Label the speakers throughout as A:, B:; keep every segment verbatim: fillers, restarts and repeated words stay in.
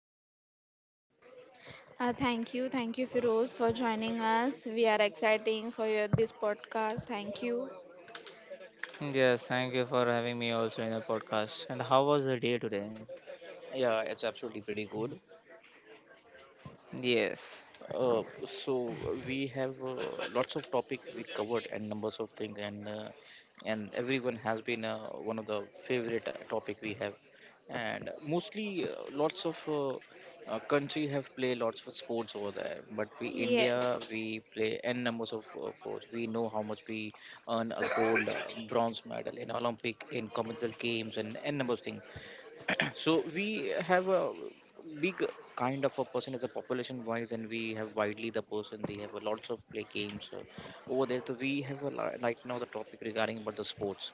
A: Omkar and Priyanka.
B: Uh, thank you, thank you, Firoz, for joining us. We are exciting for your this podcast. Thank you.
C: Yes, thank you for having me also in the podcast. And how was the day today?
A: Yeah, it's absolutely pretty good.
C: Yes.
A: Uh, so uh, we have uh, lots of topic we covered and numbers of things and uh, and everyone has been uh, one of the favorite uh, topic we have, and mostly uh, lots of uh, uh, country have play lots of sports over there. But we India,
B: Yes.
A: we play n numbers of uh, sports. We know how much we earn a gold uh, bronze medal in Olympic, in Commonwealth Games, and n number of things. So we have a big kind of a person as a population wise, and we have widely the person they have a lots of play games uh, over there. So we have a lot, right now the topic regarding about the sports.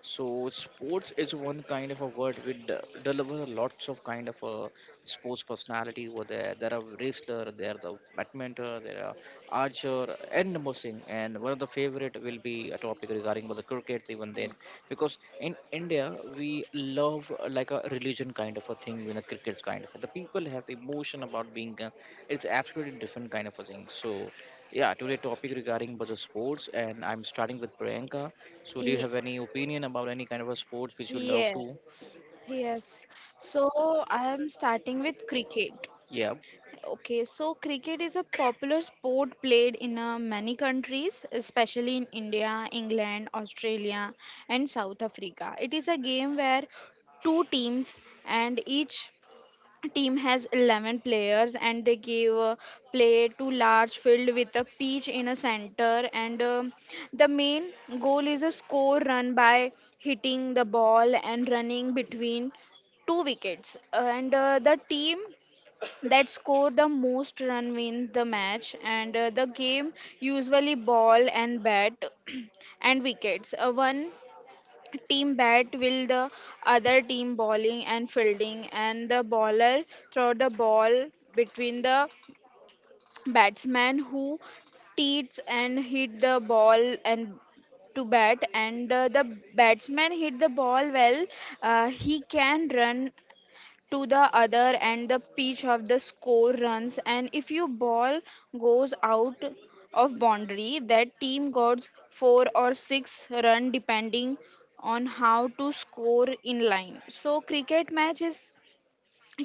A: So sports is one kind of a word which de- deliver lots of kind of a sports personality over there. There are wrestler, there are the badminton, there are archer, and more thing. And one of the favorite will be a topic regarding about the cricket even then, because in India we love uh, like a religion kind of a thing when a cricket kind of the people have emotion about being uh, it's absolutely different kind of a thing. So yeah, today topic regarding about the sports, and I'm starting with Priyanka. So do you
B: Ye-
A: have any opinion about any kind of a sports which you love
B: yes.
A: to?
B: Yes. So I am starting with cricket.
A: Yeah.
B: Okay, so cricket is a popular sport played in uh, many countries, especially in India, England, Australia, and South Africa. It is a game where two teams and each team has eleven players and they give uh, play to large field with a pitch in a center, and um the main goal is a score run by hitting the ball and running between two wickets, and uh, the team that score the most run wins the match. And uh, the game usually ball and bat and wickets. Uh, one team bat will the other team bowling and fielding, and the bowler throw the ball between the batsman who teats and hit the ball and to bat. And uh, the batsman hit the ball well, uh, he can run to the other and the pitch of the score runs. And if your ball goes out of boundary, that team gets four or six run depending on how to score in line. So cricket match is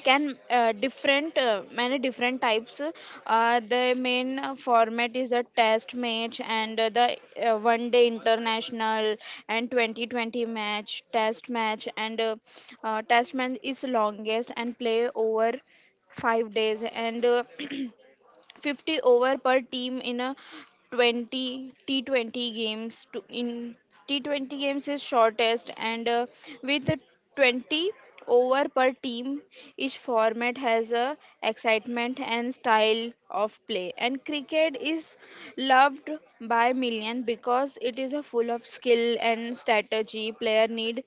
B: can uh, different uh, many different types. uh, the main uh, format is a test match, and uh, the uh, one day international and twenty twenty match test match. And uh, uh, test match is longest and play over five days, and uh, fifty over per team in a twenty T twenty games to in T twenty games is shortest, and uh, with the twenty over per team each format has a excitement and style of play. And cricket is loved by million because it is a full of skill and strategy. Player need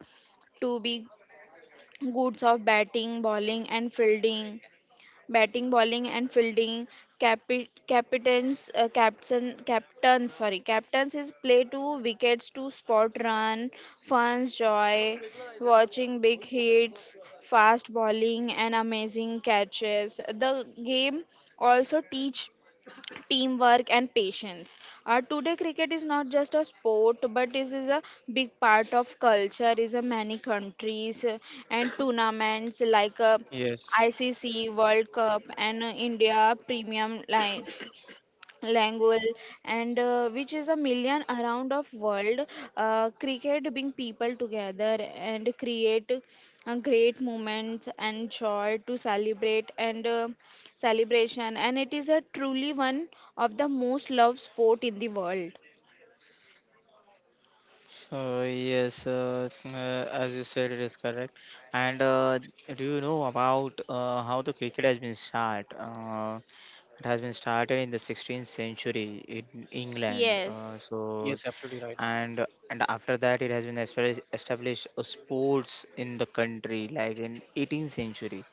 B: to be goods of batting bowling and fielding, batting, bowling, and fielding. Capi- captains, uh, captain, captain, sorry, captains is play to wickets to spot run, fans joy, watching big hits, fast bowling, and amazing catches. The game also teach teamwork and patience. Uh, today, cricket is not just a sport, but this is a big part of culture. Is a many countries, uh, and tournaments like uh,
C: Yes.
B: I C C World Cup and uh, India Premium Li- Language, and uh, which is a million around of world. Uh, cricket bring people together and create uh, great moments and joy to celebrate, and uh, celebration, and it is a truly one of the most loved sport in the world.
C: So yes, uh, uh, as you said, it is correct. And uh, do you know about uh, how the cricket has been start? Uh, it has been started in the sixteenth century in England. Uh,
B: Yes,
C: so
A: Yes, absolutely right.
C: and and after that, it has been established established a sports in the country, like in eighteenth century.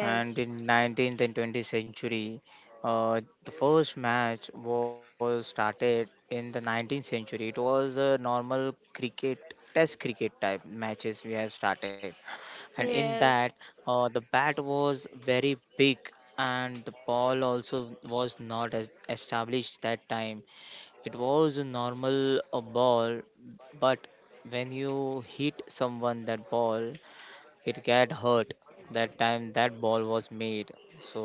C: And in nineteenth and twentieth century, uh, the first match was started in the nineteenth century. It was a normal cricket test cricket type matches we have started. And in that,
B: yes,
C: uh, the bat was very big, and the ball also was not as established that time. It was a normal uh, ball, but when you hit someone that ball, it got hurt. That time that ball was made. So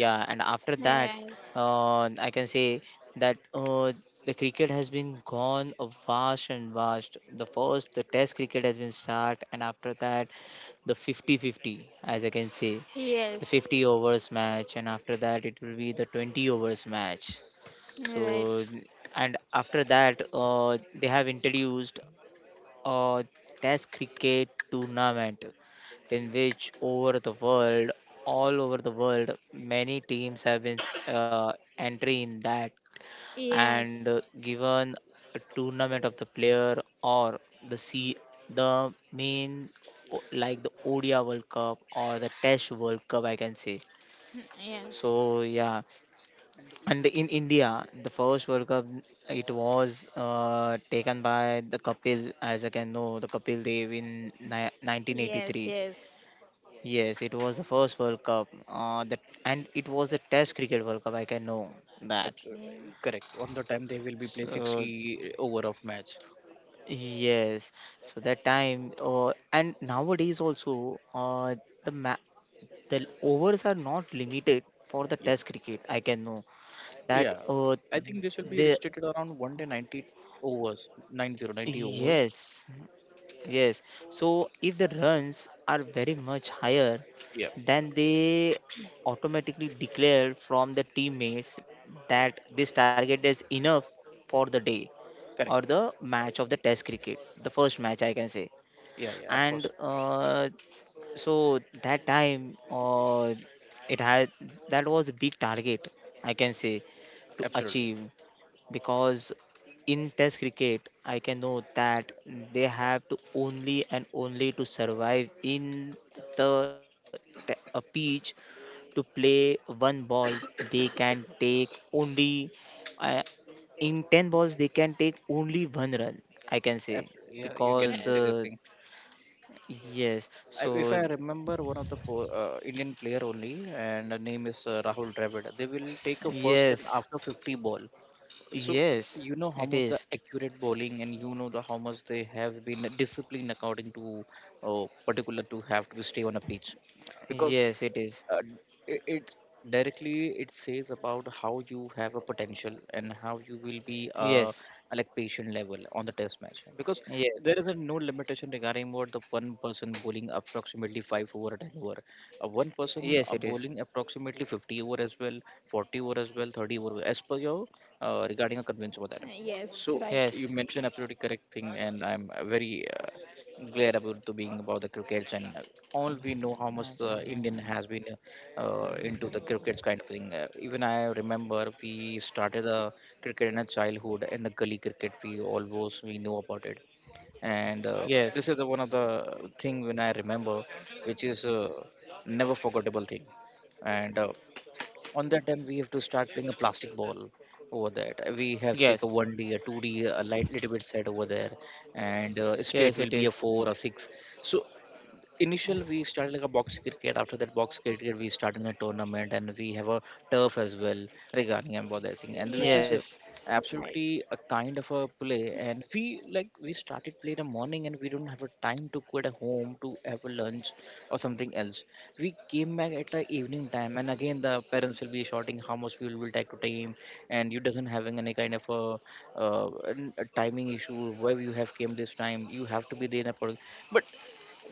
C: yeah, and after that,
B: yes,
C: uh, I can say that uh, the cricket has been gone a vast and vast. The first the test cricket has been start, and after that the fifty fifty, as I can say, the
B: yes,
C: fifty overs match, and after that it will be the twenty overs match. So
B: right.
C: and after that, uh, they have introduced a test cricket tournament in which over the world, all over the world, many teams have been uh, entry in that and uh,
B: Yes,
C: given a tournament of the player, or the C, the main, o- like the O D I World Cup or the Test World Cup, I can say.
B: yes,
C: So yeah, and in India the first World Cup, it was uh, taken by the Kapil, as I can know, the Kapil Dev in ni-
B: yes,
C: nineteen eighty-three.
B: yes,
C: Yes, it was the first World Cup, uh, that, and it was the Test Cricket World Cup. I can know that.
A: Absolutely
B: yes,
A: correct. On the time they will be play
C: So
A: sixty over of match.
C: yes, so that time, uh, and nowadays also, uh, the ma- the overs are not limited for the
A: Yeah.
C: Test cricket. I can know that.
A: Yeah,
C: Uh,
A: I think this will be
C: the
A: restricted around one day ninety overs, Nine zero ninety overs.
C: yes, yes. So if the runs are very much higher,
A: Yeah,
C: then they automatically declare from the teammates that this target is enough for the day or the
A: correct.
C: match of the test cricket, the first match I can say.
A: Yeah, yeah, of
C: And
A: course.
C: uh, so that time, uh, it had that was a big target, I can say, to
A: Absolutely.
C: achieve, because in test cricket I can know that they have to only and only to survive in the t- a pitch, to play one ball. They can take only uh, in ten balls they can take only one run, I can say,
A: Absolutely. Yeah, you
C: because
A: can say this
C: uh,
B: yes.
A: thing.
C: yes.
A: I, if
C: So
A: I remember, one of the po- uh, Indian player only, and the name is uh, Rahul Dravid. They will take a first and
C: yes,
A: after fifty ball. So
C: yes,
A: you know how
C: it
A: much the
C: is.
A: accurate bowling, and you know the how much they have been disciplined according to uh, particular to have to stay on a pitch, because
C: Yes, it is.
A: uh, it, it directly it says about how you have a potential and how you will be
C: Yes,
A: uh, like patient level on the test match, because
C: yes,
A: there is a no limitation regarding what the one person bowling approximately five over or ten over, uh, one person
C: yes,
A: uh,
C: it is.
A: bowling approximately fifty over as well, forty over as well, thirty over as per your uh, regarding a conventional that.
B: Uh, yes,
A: So
B: right.
A: you
C: Yes.
A: mentioned absolutely correct thing, and I'm uh, very uh, glad about to being about the crickets, and uh, all we know how much the Indian has been uh, uh, into the crickets kind of thing. Uh, even I remember we started the cricket in a childhood and the gully cricket. We always we know about it, and uh,
C: Yes,
A: this is the one of the thing when I remember, which is uh, never forgettable thing, and uh, on that time we have to start playing a plastic ball over that. Uh, we have like a
C: yes,
A: one d a two d a light little bit set over there, and uh,
C: yes,
A: straight
C: it
A: will be a
C: is.
A: four or six. So initial we started like a box cricket. After that box cricket we started in a tournament, and we have a turf as well regarding about that thing, and
B: Yes,
A: which is
C: Yes,
A: uh,
B: right.
A: absolutely a kind of a play. And we like we started play in the morning, and we don't have a time to go at home to have a lunch or something else. We came back at the evening time, and again the parents will be shouting how much we will take to time. And you doesn't having any kind of a, uh, an- a timing issue where you have came this time you have to be there in a per- but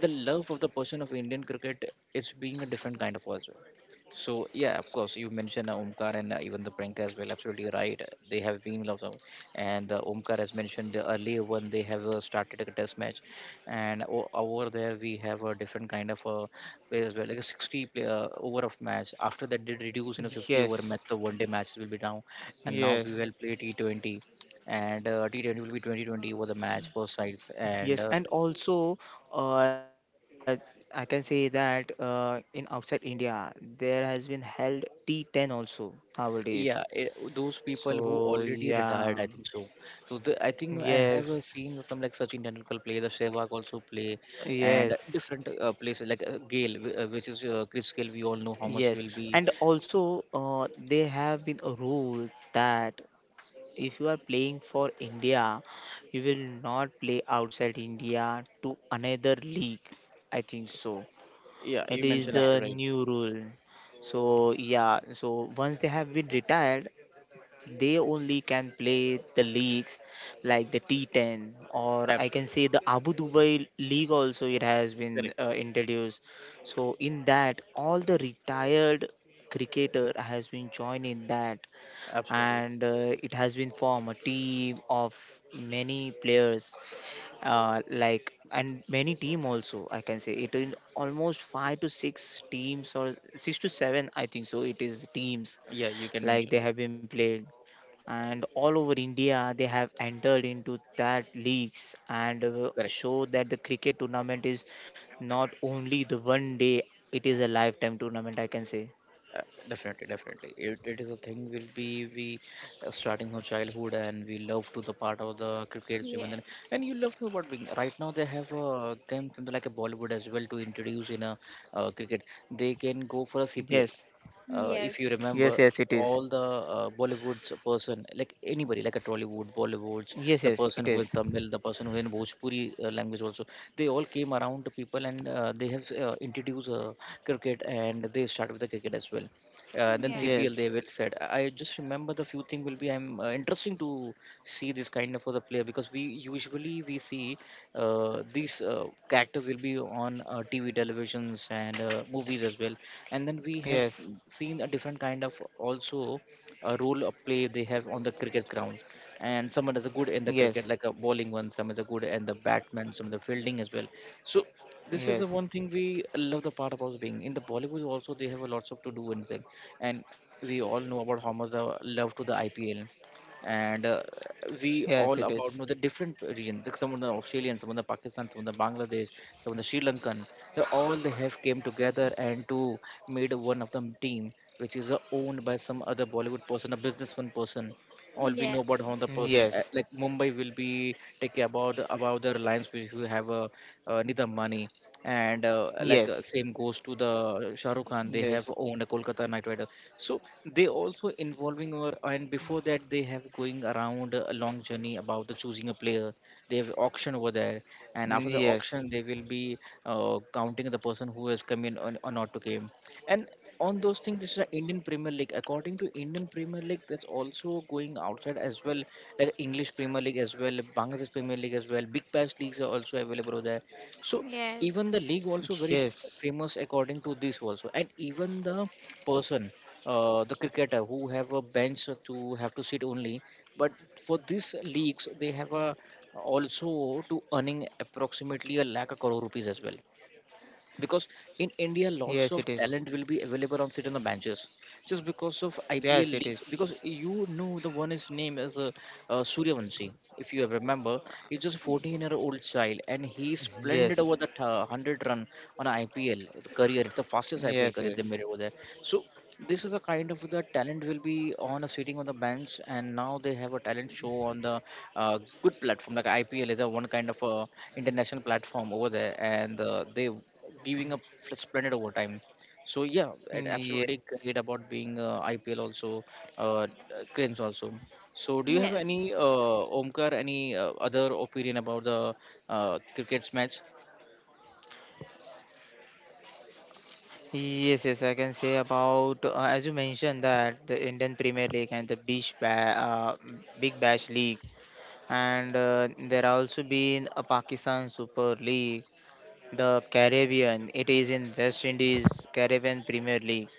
A: the love of the person of Indian cricket is being a different kind of us. So yeah, of course, you mentioned uh, Omkar and uh, even the Priyanka as well. Absolutely right. They have been loved, out. And uh, Omkar has mentioned the earlier one. They have uh, started a test match, and o- over there we have a different kind of uh, play as well, like a sixty play, uh, over of match. After that, they reduce in a fifty over
C: yes,
A: match. The one day matches will be down, and now we
C: yes,
A: will play T twenty, and uh, T twenty will be twenty twenty over the match both sides, and
C: yes,
A: uh,
C: and also, uh, I can say that uh, in outside India, there has been held T ten also nowadays.
A: yeah, it, those people
C: So
A: who already
C: yeah,
A: retired, I think so. So the, I think I have
C: yes,
A: uh, seen some like Sachin Tendulkar play, the Sehwag also play, and
C: yes,
A: different uh, places like uh, Gale, wh- uh, which is uh, Chris Gale. We all know how much
C: yes,
A: will be.
C: and also, uh, they have been a rule that if you are playing for India, you will not play outside India to another league. I think so.
A: Yeah, you
C: It is
A: mentioned
C: the
A: absolutely right.
B: Yes,
C: new rule. So yeah, so once they have been retired, they only can play the leagues like the T ten, or I can
A: Absolutely
C: say the Abu Dhabi league also, it has been
A: correct.
C: uh, introduced. So in that all the retired cricketer has been joined in that,
A: Absolutely.
C: and uh, it has been formed a team of many players, uh, like and many team also, I can say, it in almost five to six teams or six to seven, I think so it is teams,
A: Yeah, you can
C: like
A: mention.
C: they
A: Oh,
C: have been played, and all over india they have entered into that leagues, and uh,
A: correct.
C: show that the cricket tournament is not only the one day, it is a lifetime tournament, I can say.
A: Uh, definitely definitely it, it is a thing will be we uh, starting from childhood, and we love to the part of the cricket even then.
B: yes,
A: And you love to about being right now they have a game from the, like a Bollywood as well to introduce in a uh, cricket. They can go for a cpl,
C: Yes,
A: uh, if you remember,
C: yes, yes, it is.
A: all the uh, Bollywood's person, like anybody, like a Tollywood, Bollywood's,
C: Yes,
A: the
C: yes,
A: person
C: it
A: who in
C: is.
A: Tamil, the person who in Bhojpuri uh, language also, they all came around the people, and uh, they have uh, introduced uh, cricket, and they start with the cricket as well. Uh, and then
B: yes,
A: C P L they
C: Yes,
A: will said, I just remember the few thing will be I'm uh, interesting to see this kind of other player, because we usually we see uh, these uh, character will be on uh, T V televisions and uh, movies as well. And then we have
C: yes,
A: seen a different kind of also a role of play they have on the cricket ground. And someone is good in the
C: yes,
A: cricket, like a bowling one, some is good in the batman, some of the fielding as well. So this is the
C: yes,
A: one thing we love the part about being in the Bollywood, also they have a lots of to do and thing. And we all know about how much the love to the I P L. And uh, we
C: yes,
A: all
C: it
A: about
C: is.
A: know the different region, like some of the Australian, some of the Pakistan, some of the Bangladesh, some of the Sri Lankan, they all they have came together and to made one of them team, which is uh, owned by some other Bollywood person, a businessman person. All we know about
B: yes,
A: how the
C: Yes,
A: person uh, like Mumbai will be take care about about the Reliance, which we have a uh, uh, Nidam Mani.
C: yes,
A: And uh, like uh, same goes to the
C: yes,
A: Shahrukh Khan. They have owned a Kolkata Knight Rider. So they also involving or and before that they have going around a long journey about the choosing a player. They have auction over there, and after the
C: yes,
A: auction they will be uh, counting the person who has come in or, or not to game. And on those things this is the Indian Premier League. According to Indian Premier League, that's also going outside as well, like English Premier League as well, Bangladesh Premier League as well, Big Bash leagues are also available over there. So even
B: yes,
A: the league also very
C: yes,
A: famous according to this also. And even the person, uh, the cricketer who have a bench to have to sit only. But for these leagues, they have a also to earning approximately a lakh a crore rupees as well. Because in India,
C: yes,
A: lots
C: it
A: of
C: is.
A: talent will be available on sit on the benches, just because of
C: Yes,
A: I P L
C: it
A: leagues.
C: is.
A: Because you know the one is name as uh, uh, Suryavanshi, if you remember. He's just fourteen year old child, and he splendid
C: Yes,
A: over that uh, a hundred run on I P L career. It's the fastest I P L
C: yes,
A: career they
C: yes.
A: made over there. So this is a kind of the talent will be on a sitting on the bench, and now they have a talent show on the uh, good platform, like I P L is a one kind of a international platform over there, and uh, they giving a f- splendid overtime. So yeah, it
C: Ye-
A: absolutely great about being uh, I P L also, uh, cranes also. So do you
B: yes,
A: have
B: yes.
A: any uh, Omkar, any uh, other opinion about the uh, cricket's match?
C: Yes, yes, I can say about, uh, as you mentioned, that the Indian Premier League and the Bish ba- uh, Big Bash League, and uh, there also been a Pakistan Super League, the Caribbean. It is in West Indies Caribbean Premier League,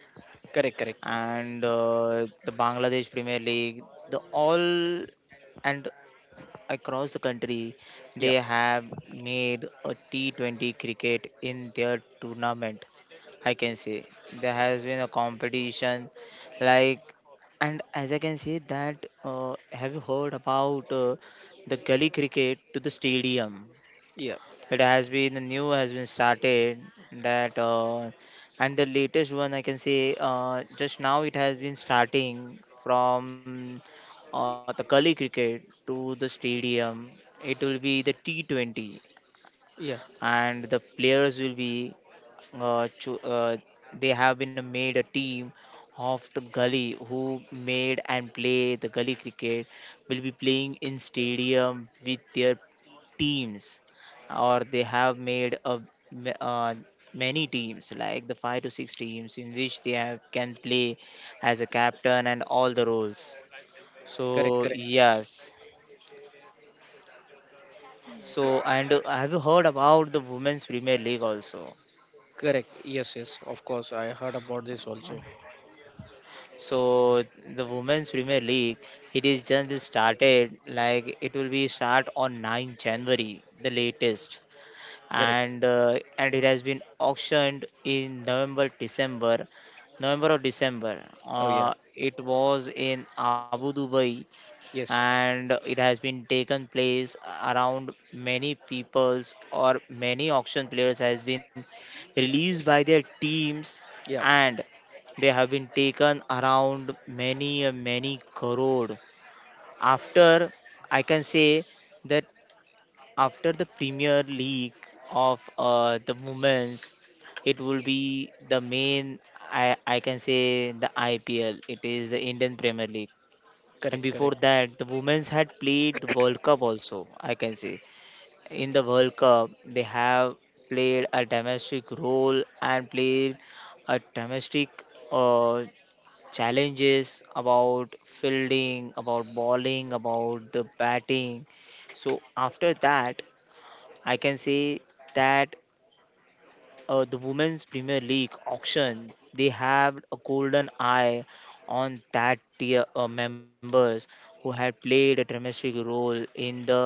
A: Correct, correct.
C: and uh, the Bangladesh Premier League, the all and across the country. They
A: Yeah,
C: have made a T twenty cricket in their tournament. I can say there has been a competition, like and as I can say that, uh, have you heard about uh, the gully cricket to the stadium?
A: yeah.
C: It has been the new, has been started that, uh, and the latest one, I can say, uh, just now it has been starting from, uh, the Kali cricket to the stadium. It will be the T twenty,
A: Yeah,
C: and the players will be, uh, cho- uh, they have been made a team of the gully who made and play the gully cricket, will be playing in stadium with their teams, or they have made a m- uh, many teams like the five to six teams in which they have can play as a captain and all the roles.
A: correct,
C: So
A: correct.
C: yes. So and uh, have you heard about the women's premier league also?
A: Correct. Yes, yes. Of course, I heard about this also.
C: So the women's premier league, it is just started, like it will be start on ninth january the latest,
A: Correct.
C: and uh, and it has been auctioned in November December, November or December.
A: Oh yeah.
C: Uh, it was in Abu Dhabi,
A: Yes.
C: and it has been taken place around many peoples or many auction players has been released by their teams.
A: Yeah.
C: And they have been taken around many, uh, many crore. After, I can say, that after the Premier League of, uh, the women's, it will be the main. I I can say the I P L. It is the Indian Premier League. And
A: Correct.
C: before
A: Correct.
C: that, the women's had played the World Cup also, I can say. In the World Cup they have played a domestic role and played a domestic uh, challenges about fielding, about bowling, about the batting. So after that, I can say that, uh, the Women's Premier League auction, they have a golden eye on that tier uh, members who had played a domestic role in the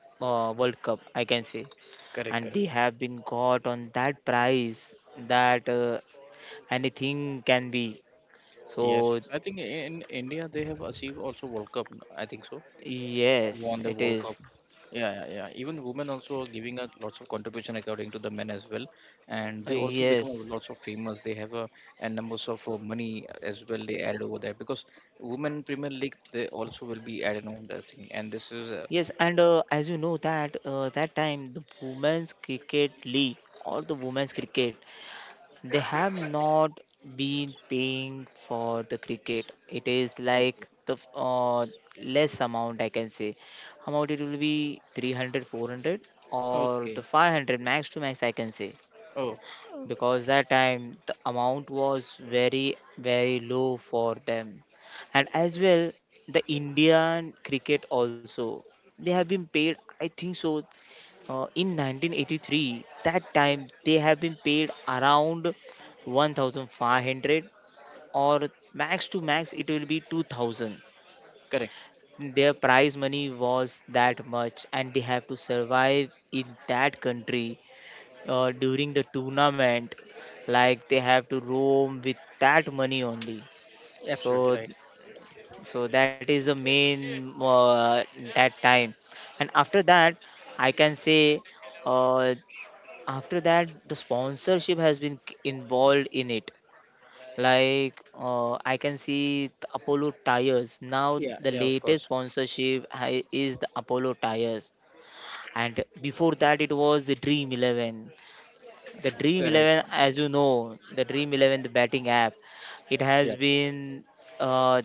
C: uh, World Cup, I can say.
A: Correct.
C: And they
A: Correct.
C: have been got on that price that, uh, anything can be.
A: Yes.
C: So,
A: Yes. I think in India they have achieved also World Cup. I think so.
C: yes,
A: Won the
C: it
A: World Cup.
C: is.
A: Yeah, yeah, yeah. Even women also are giving a lots of contribution according to the men as well,
C: Uh,
A: and they also become a
C: yes.
A: lots of famous. They have a and numbers of uh, money as well. They added over there because women Premier League they also will be added on that thing, and this is uh,
C: Yes, and uh, as you know that, uh, that time the women's cricket league or the women's cricket, they have not been paying for the cricket. It is
A: okay.
C: like the f- uh, less amount, I can say. Amount, it will be three hundred, four hundred, or
A: Okay.
C: the five hundred max to max, I can say.
A: Oh,
B: Oh,
C: Because that time the amount was very very low for them, and as well the indian cricket also, they have been paid, I think so, uh, in nineteen eighty-three, that time they have been paid around one thousand five hundred, or max to max it will be two thousand.
A: correct.
C: Their prize money was that much, and they have to survive in that country uh, during the tournament, like they have to roam with that money only.
A: Absolutely
C: so
A: right.
C: so that is the main, uh, that time. And after that, I can say, uh, after that the sponsorship has been k- involved in it, like, uh, I can see the apollo tires. Now
A: Yeah,
C: the
A: yeah, of
C: latest
A: course.
C: sponsorship, ha- is the apollo tires, and before that it was the dream eleven. The dream
A: Correct.
C: eleven, as you know, the dream eleven, the betting app, it has
A: Yeah,
C: been uh,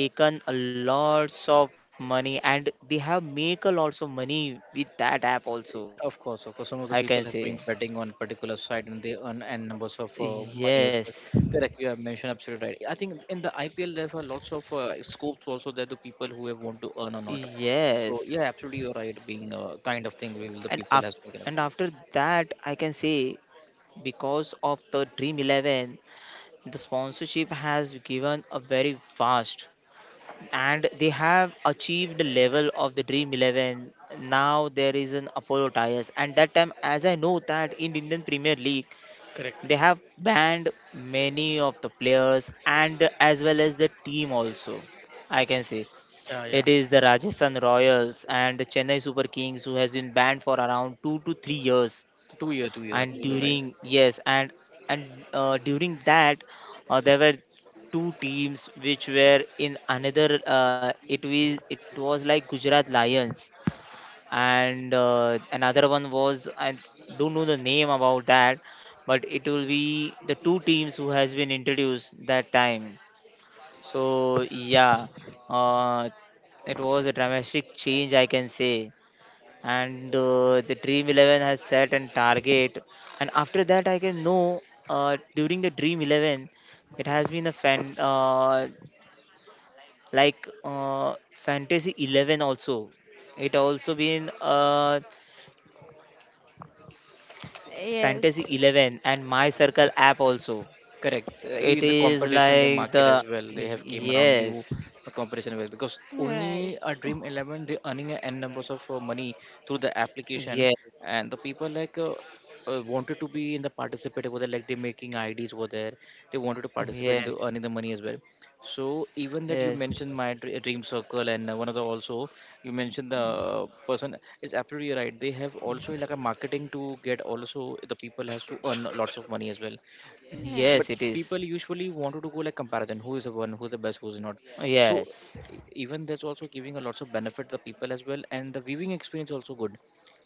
C: taken a lots of money, and they have make a lots of money with that app also,
A: of course, of course.
C: I
A: Some of the
C: can say.
A: people have been betting on particular side and they earn n numbers of uh, money as well.
C: Yes,
A: Correct. You have mentioned absolutely right. I think in the I P L there are lots of uh, scopes also that the people who have want to earn or not. So
C: yes,
A: yeah, absolutely you're right. Being a kind of thing will the
C: and
A: people
C: af
A: has been kind of
C: and after that, I can say, because of the Dream eleven, the sponsorship has given a very vast, and they have achieved the level of the Dream eleven. Now there is an Apollo tires, and that time, as I know, that in Indian Premier League, they have banned many of the players and as well as the team also, I can say. It is the Rajasthan Royals and the Chennai Super Kings who has been banned for around two to three years.
A: two year, two years.
C: And
A: Absolutely right.
B: yes,
C: during, yes, and and uh, during that, uh, there were two teams which were in another. Uh, it was it was like Gujarat Lions, and uh, another one was, I don't know the name about that, but it will be the two teams who has been introduced that time. So yeah, uh, it was a dramatic change, I can say. And uh, the Dream Eleven has set an target, and after that, I can know, uh, during the Dream Eleven, it has been a fan, uh, like uh, Fantasy Eleven also. It also been, uh,
B: yes,
C: Fantasy Eleven and My Circle app also.
A: Correct. Uh,
C: It
A: In the
C: is
A: competition, the
C: like
A: market
C: the
A: as well, they have came around new
C: yes,
A: uh, competition with because
B: right.
A: only a Dream Eleven they earning a n numbers of uh, money through the application,
C: yes,
A: and the people like uh, uh, wanted to be in the participate over there, like they making I Ds over there. They wanted to participate in the
C: yes.
A: earning the money as well. So even that you
C: Yes,
A: mentioned my dr- Dream Circle and uh, one of the also you mentioned the uh, person is absolutely right. They have also like a marketing to get also the people has to earn lots of money as well,
C: yes,
A: but
C: it
B: Yes,
C: is.
A: people usually wanted to go like comparison who is the one, who's the best, who's not. So
C: Yes.
A: e- even that's also giving a lots of benefit the people as well, and the viewing experience also good.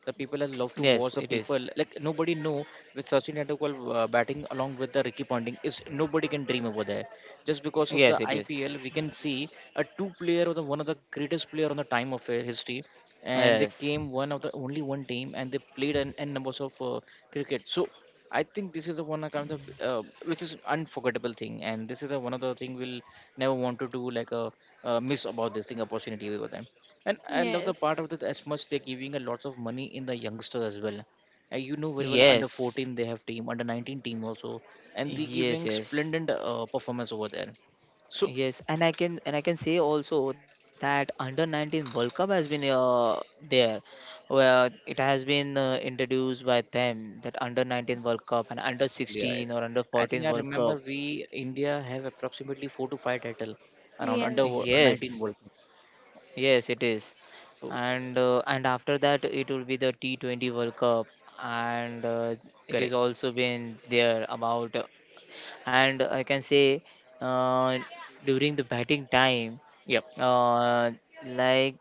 A: The people that love to watch
C: Yes,
A: the
C: it
A: people
C: is.
A: like nobody know with Sachin Tendulkar uh, batting along with the Ricky Ponting is nobody can dream over there. Just because of the
C: Yes, it is.
A: I P L, we can see a two player or the one of the greatest player on the time of uh, history, and they
C: Yes.
A: came one of the only one team and they played an n numbers of uh, cricket. So I think this is the one kind of uh, which is unforgettable thing, and this is the one of the thing we'll never want to do like a uh, miss about this thing opportunity over them. And
B: yes,
A: I love the part of
B: yes,
A: that as much they're giving a lot of money in the youngsters as well. Uh, you know very well under
C: Yes.
A: fourteen they have team, under nineteen team also, and they
C: Yes,
A: giving
C: yes.
A: splendid uh, performance over there. So
C: Yes, and I can and I can say also that under nineteen World Cup has been uh, there where it has been uh, introduced by them that under nineteen World Cup and under
A: yeah, right.
C: sixteen or under
A: I think
C: fourteen
A: I
C: World Cup.
A: remember we India have approximately four to five title around under wo-
B: yes,
A: nineteen
C: Yes.
A: World Cup.
C: Yes, it is.
A: So
C: and uh, and after that it will be the T twenty World Cup and uh, it is
A: correct.
C: also been there about. And I can say, uh, during the batting time,
A: Yep.
C: uh, like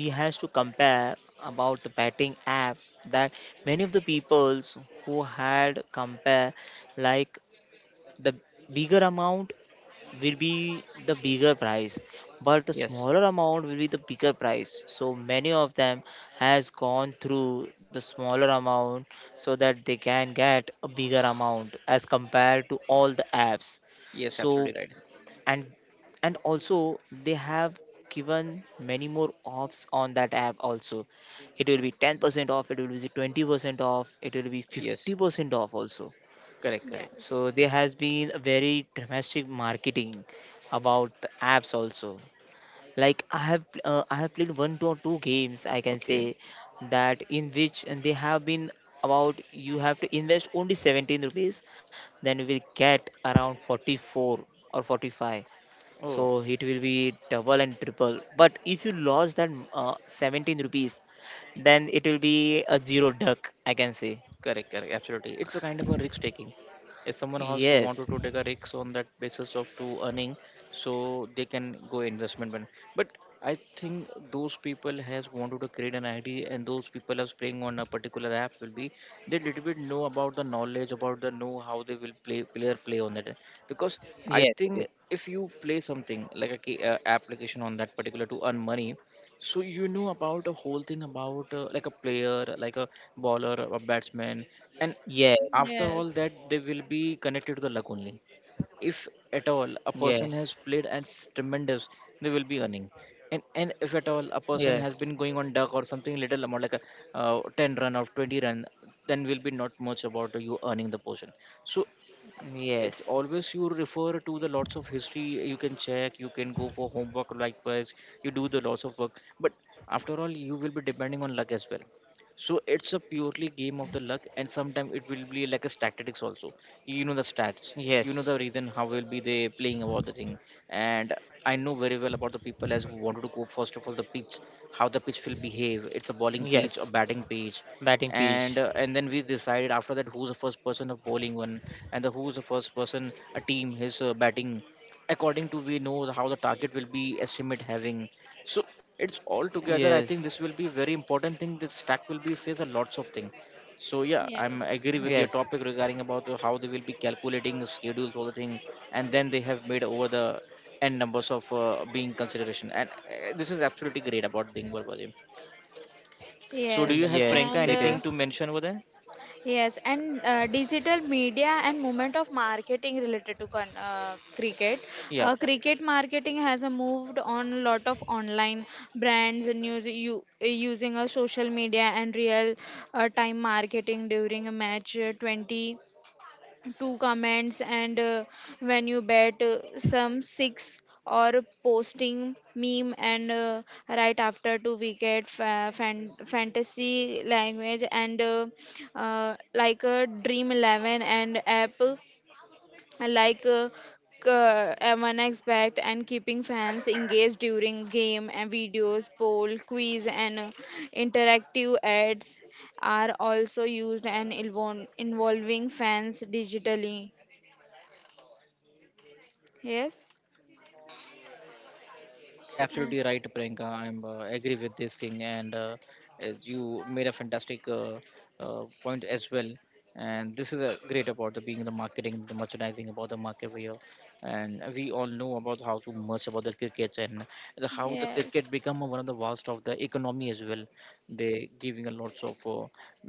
C: we has to compare about the batting app, that many of the peoples who had compare, like the bigger amount will be the bigger price but the
A: Yes.
C: smaller amount will be the bigger price, so many of them has gone through the smaller amount so that they can get a bigger amount as compared to all the apps.
A: Yes.
C: So
A: Absolutely right.
C: and and also, they have given many more offs on that app also. It will be ten percent off, it will be twenty percent off, it will be
A: Yes.
C: fifty percent off also.
A: Correct. Correct.
C: So
B: yes,
C: there has been a very dramatic marketing about the apps also. Like I have uh, I have played one to two games I can
A: Okay.
C: say, that in which they have been about you have to invest only seventeen rupees, then you will get around forty-four or forty-five, so
A: Oh.
C: it will be double and triple. But if you lost that uh, seventeen rupees, then it will be a zero duck, I can say.
A: Correct, correct, absolutely. It's a kind of a risk taking. If someone has
C: Yes.
A: wanted to take a risk on that basis of to earning, so they can go investment. But but I think those people has wanted to create an I D, and those people are playing on a particular app will be they little bit know about the knowledge about the know how they will play player play on that. Because I
C: Yes,
A: think
C: it is.
A: if you play something like a, ca- uh application on that particular to earn money, so you know about a whole thing about uh, like a player, like a bowler, a batsman, and
C: Yes
A: after all that they will be connected to the luck only. If at all a person
C: yes.
A: has played and s- tremendous, they will be earning. And and if at all a person has
C: Yes,
A: been going on duck or something little amount like a uh, ten run or twenty run, then will be not much about you earning the portion. So it's
C: yes,
A: always you refer to the lots of history, you can check, you can go for homework likewise, you do the lots of work, but after all you will be depending on luck as well. So it's a purely game of the luck, and sometimes it will be like a statistics also. You know the stats, you know
C: yes,
A: the reason how will be they playing about the thing, and I know very well about the people as who wanted to go first of all the pitch, how the pitch will behave. It's a bowling pitch or
C: yes.
A: batting pitch,
C: Batting
A: and
C: pitch.
A: uh, and then we decided after that who's the first person of bowling one, and the who's the first person a team his uh, batting according to we know the- how the target will be estimate having. So it's all together,
C: Yes,
A: I think this will be very important thing that stack will be says a lots of thing. So yeah, I'm
B: yes,
A: agree with
C: yes,
A: your topic regarding about the- how they will be calculating the schedules all the thing, and then they have made over the n numbers of uh, being consideration, and uh, this is absolutely great about the thing. So do
B: yes.
A: you have
C: yes,
A: pranka
B: And
C: it
B: uh,
A: anything
C: is.
A: to mention over there?
B: yes, and uh, digital media and movement of marketing related to con- uh, cricket.
A: Yeah.
B: Uh, cricket marketing has uh, moved on a lot of online brands and news. U- uh, using a social media and real uh, time marketing during a match, uh, twenty two comments, and uh, when you bet uh, some six or posting meme, and uh, right after two wicket fa- fan- fantasy language, and uh, uh, like a dream eleven and app like uh, uh, M one X, and keeping fans engaged during game and videos, poll, quiz, and uh, interactive ads are also used and involve, involving fans digitally. Yes.
A: Yeah,
B: Uh,
A: absolutely right, Priyanka. I'm uh, agree with this thing, and uh, as you made a fantastic uh, uh, point as well. And this is a great about the being the marketing, the merchandising about the market here, and we all know about how to much about the cricket and the, how the
B: yes.
A: cricket become one of the vast of the economy as well. They giving a lots of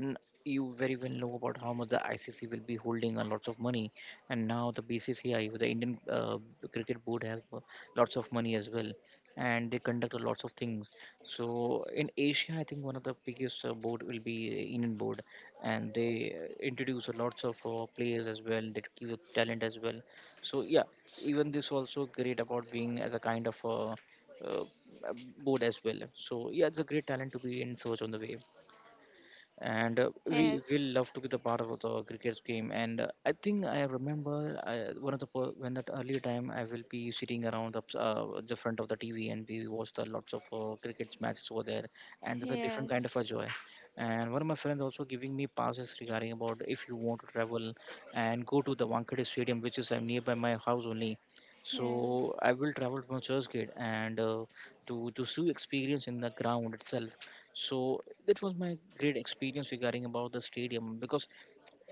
A: uh, you very well know about how much the I C C will be holding a lots of money, and now the B C C I, the Indian uh, Cricket Board, have uh, lots of money as well, and they conduct a lots of things. So in Asia, I think one of the biggest uh, board will be uh, Indian board, and they uh, introduce a lots of uh, players as well. They give you talent as well. So yeah, even this also great about being as a kind of uh, uh, board as well. So yeah, it's a great talent to be in search on the way, and uh, we will
B: Yes.
A: love to be the part of the cricket game, and uh, I think I remember I, one of the per- when that earlier time I will be sitting around the, uh, the front of the TV and we watch the lots of uh, cricket matches over there, and there's a different kind
B: Yes.
A: of a joy, and one of my friends also giving me passes regarding about if you want to travel and go to the Wankhede Stadium, which is uh, nearby my house only, so
B: Yes.
A: I will travel from Churchgate and uh, to to see experience in the ground itself. So that was my great experience regarding about the stadium, because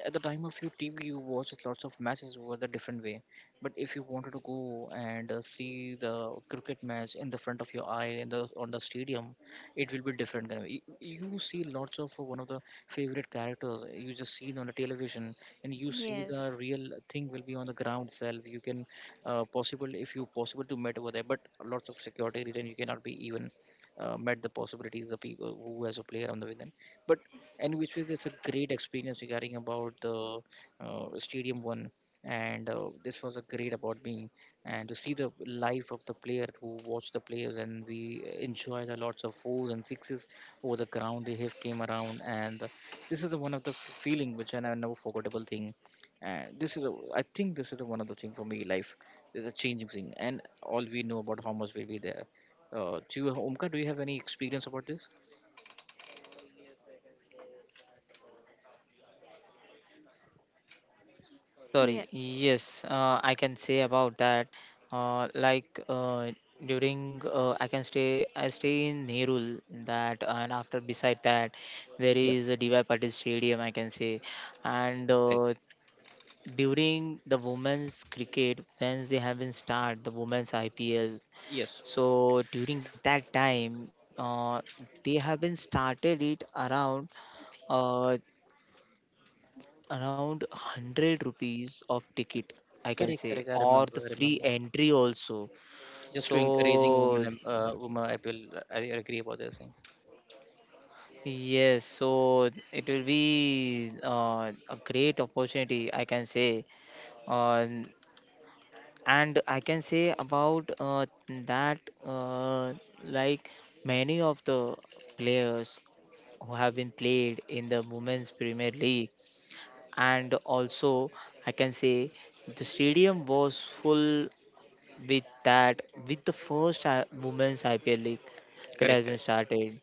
A: at the time of your T V, you watch lots of matches over the different way. But if you wanted to go and uh, see the cricket match in the front of your eye in the on the stadium, it will be different kind of- You, you see lots of one of the favorite characters you just see on the television, and you see the
B: Yes.
A: real thing will be on the ground itself. You can uh, possible if you possible to meet over there, but lots of security reason you cannot be even uh, met the possibilities the people who has a player on the within. But and which was just a great experience regarding about the uh, stadium one, and uh, this was a great about me and to see the life of the player who watch the players and we enjoy the lots of fours and sixes over the ground they have came around, and this is the one of the f- feeling which I never forgettable thing, and this is a, I think this is the one of the thing for me life is a changing thing, and all we know about how much will be there. Uh, do you omka do you have any experience about this?
C: Sorry, yes, uh, I can say about that. Uh, like uh, During, uh, I can stay, I stay in Nerul that, and after beside that, there
A: Yeah,
C: is a D Y Patil Stadium, I can say. And
A: correct,
C: uh, during the women's cricket, when they have been start the women's I P L.
A: yes.
C: So during that time, uh, they have been started it around uh, around hundred rupees of ticket, I can
A: Correct,
C: say,
A: correct. I
C: or the
A: remember, I
C: free
A: remember.
C: entry also.
A: Just to encouraging women,
C: So
A: em- uh, women, I will, I agree about this thing.
C: yes, so it will be uh, a great opportunity, I can say. Uh, and I can say about uh, that, uh, like many of the players who have been played in the Women's Premier League. And also I can say the stadium was full with that with the first I- women's I P L league. It
A: Correct,
C: has been
A: correct.
C: started,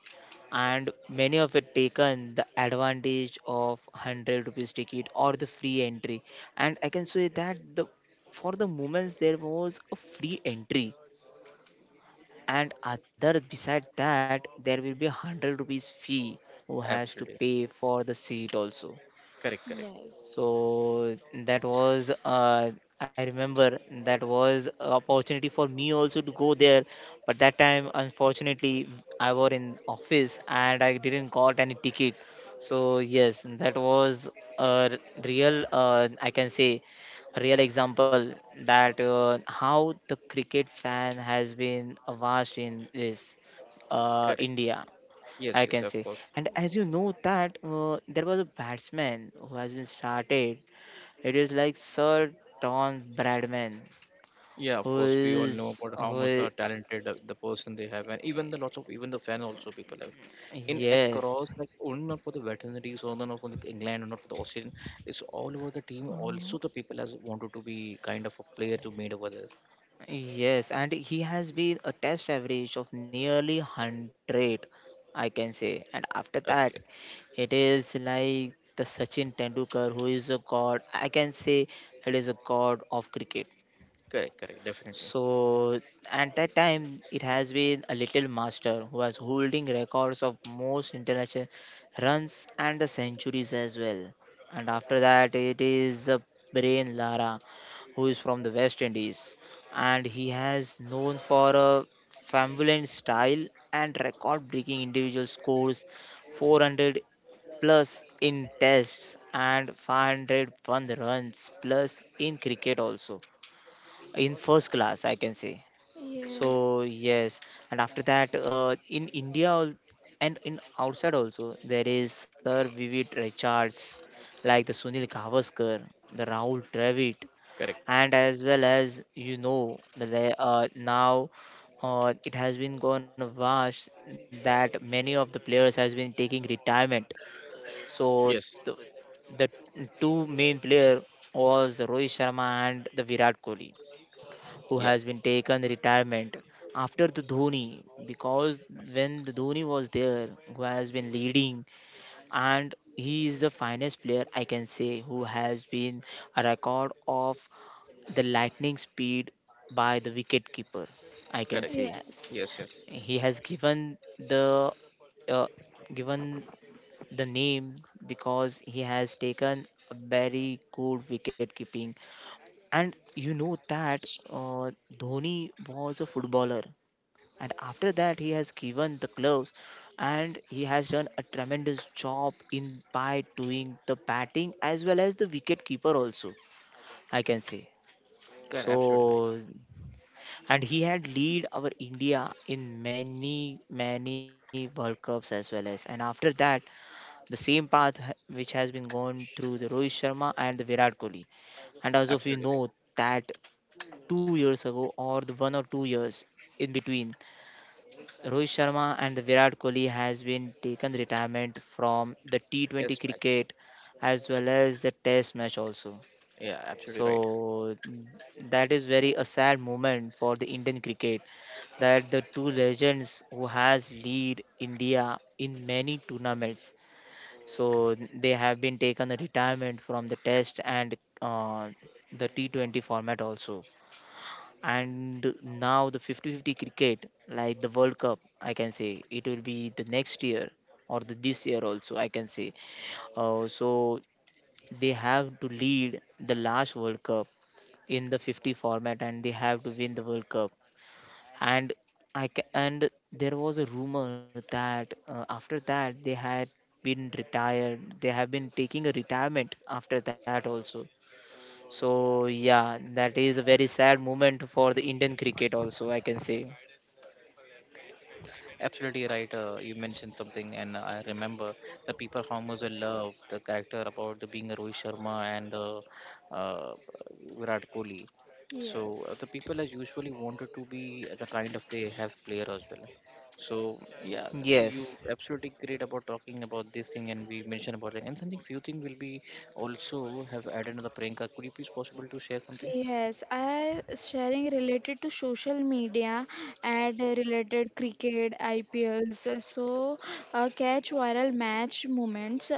C: and many of it taken the advantage of hundred rupees ticket or the free entry. And I can say that, the for the moments there was a free entry, and other besides that there will be a hundred rupees fee who has to
A: Absolutely.
C: pay for the seat also.
A: Correct, correct,
B: Yes.
C: So that was, uh, I remember, that was a opportunity for me also to go there. But that time, unfortunately, I was in office and I didn't got any ticket. So yes, that was a real, uh, I can say, a real example that uh, how the cricket fan has been vast in this uh,
A: correct.
C: India.
A: Yes,
C: I
A: yes,
C: can
A: of
C: say.
A: course.
C: And as you know that, uh, there was a batsman who has been started, it is like Sir Don Bradman,
A: Yeah, of
C: who
A: course. We all know
C: is
A: about how
C: who
A: much
C: I-
A: the talented uh, the person they have, and even the lots of even the fan also people have in
C: yes,
A: across like only not for the veterinaries, only not for the like, England, or not for the Australian. It's all over the team. Also, the people has wanted to be kind of a player to made over this.
C: yes. And he has been a test average of nearly hundred, I can say. And after that,
A: That's correct,
C: it is like the Sachin Tendulkar, who is a god. I can say it is a god of cricket.
A: correct, correct, definitely,
C: So at that time, it has been a little master who was holding records of most international runs and the centuries as well. And after that, it is the brain Lara, who is from the West Indies, and he has known for a flamboyant style and record-breaking individual scores, four hundred plus in tests and five oh one runs plus in cricket also, in first class I can say. So
B: Yes.
C: yes. And after that, uh, in india al- and in outside also there is Sir Vivid Richards, like the Sunil Gavaskar, the Rahul Dravid.
A: correct.
C: And as well as you know, the le- uh, now, uh, it has been gone vast that many of the players has been taking retirement. So
A: Yes,
C: the, the two main player was the Rohit Sharma and the Virat Kohli who
A: yeah,
C: has been taken retirement after the Dhoni. Because when the Dhoni was there who has been leading, and he is the finest player I can say, who has been a record of the lightning speed by the wicket keeper, I can
A: correct.
B: Yes.
C: say.
A: Yes,
B: Yes.
A: yes.
C: He has given the uh, given the name, because he has taken a very good wicket keeping. And you know that, uh, Dhoni was a footballer, and after that he has given the gloves, and he has done a tremendous job in by doing the batting as well as the wicket keeper also. I can say.
A: Correct, absolutely right.
C: So, and he had lead our India in many many World Cups as well. As and after that, the same path ha- which has been gone through the Rohit Sharma and the Virat Kohli. And as of you
A: Absolutely right.
C: know that two years ago or the one or two years in between, Rohit Sharma and the Virat Kohli has been taken retirement from the T twenty
A: Test match.
C: cricket as well as the Test match also.
A: Yeah, absolutely right.
C: So that is very a sad moment for the Indian cricket, that the two legends who has lead India in many tournaments. So they have been taken a retirement from the Test and uh, the T twenty format also. And now the fifty fifty cricket, like the World Cup I can say, it will be the next year or the this year also I can say. Uh, so they have to lead the last World Cup in the fifty format, and they have to win the World Cup. And i ca- and there was a rumor that, uh, after that they had been retired, they have been taking a retirement after that also. So yeah, that is a very sad moment for the Indian cricket also, I can say.
A: Absolutely right. Uh, you mentioned something, and I remember the people how much I love the character about the being a Rohit Sharma and uh, uh, Virat Kohli. So uh, the
B: Yes.
A: people as usually wanted to be the kind of they have player as well. So yeah,
C: Yes.
A: you absolutely great about talking about this thing, and we mentioned about that, and something few thing will be also have added on the Priyanka. Could you please possible to share something?
B: Yes, I sharing related to social media and related cricket, I P Ls. So, uh, catch viral match moments.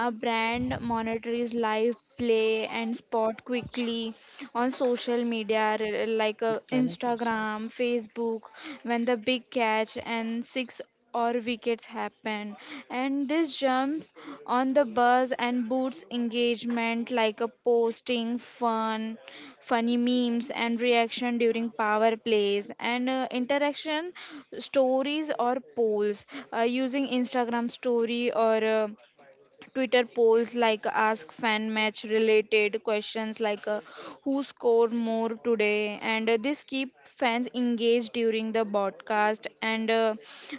B: A brand monitors live play and spot quickly on social media re- like uh, Instagram, Facebook, when the big catch and six or wickets happen, and this jumps on the buzz and boosts engagement like a posting fun funny memes and reaction during power plays, and uh, interaction stories or polls uh, using instagram story or uh, Twitter polls like ask fan match related questions like uh, who scored more today, and uh, this keep fans engaged during the broadcast. And uh,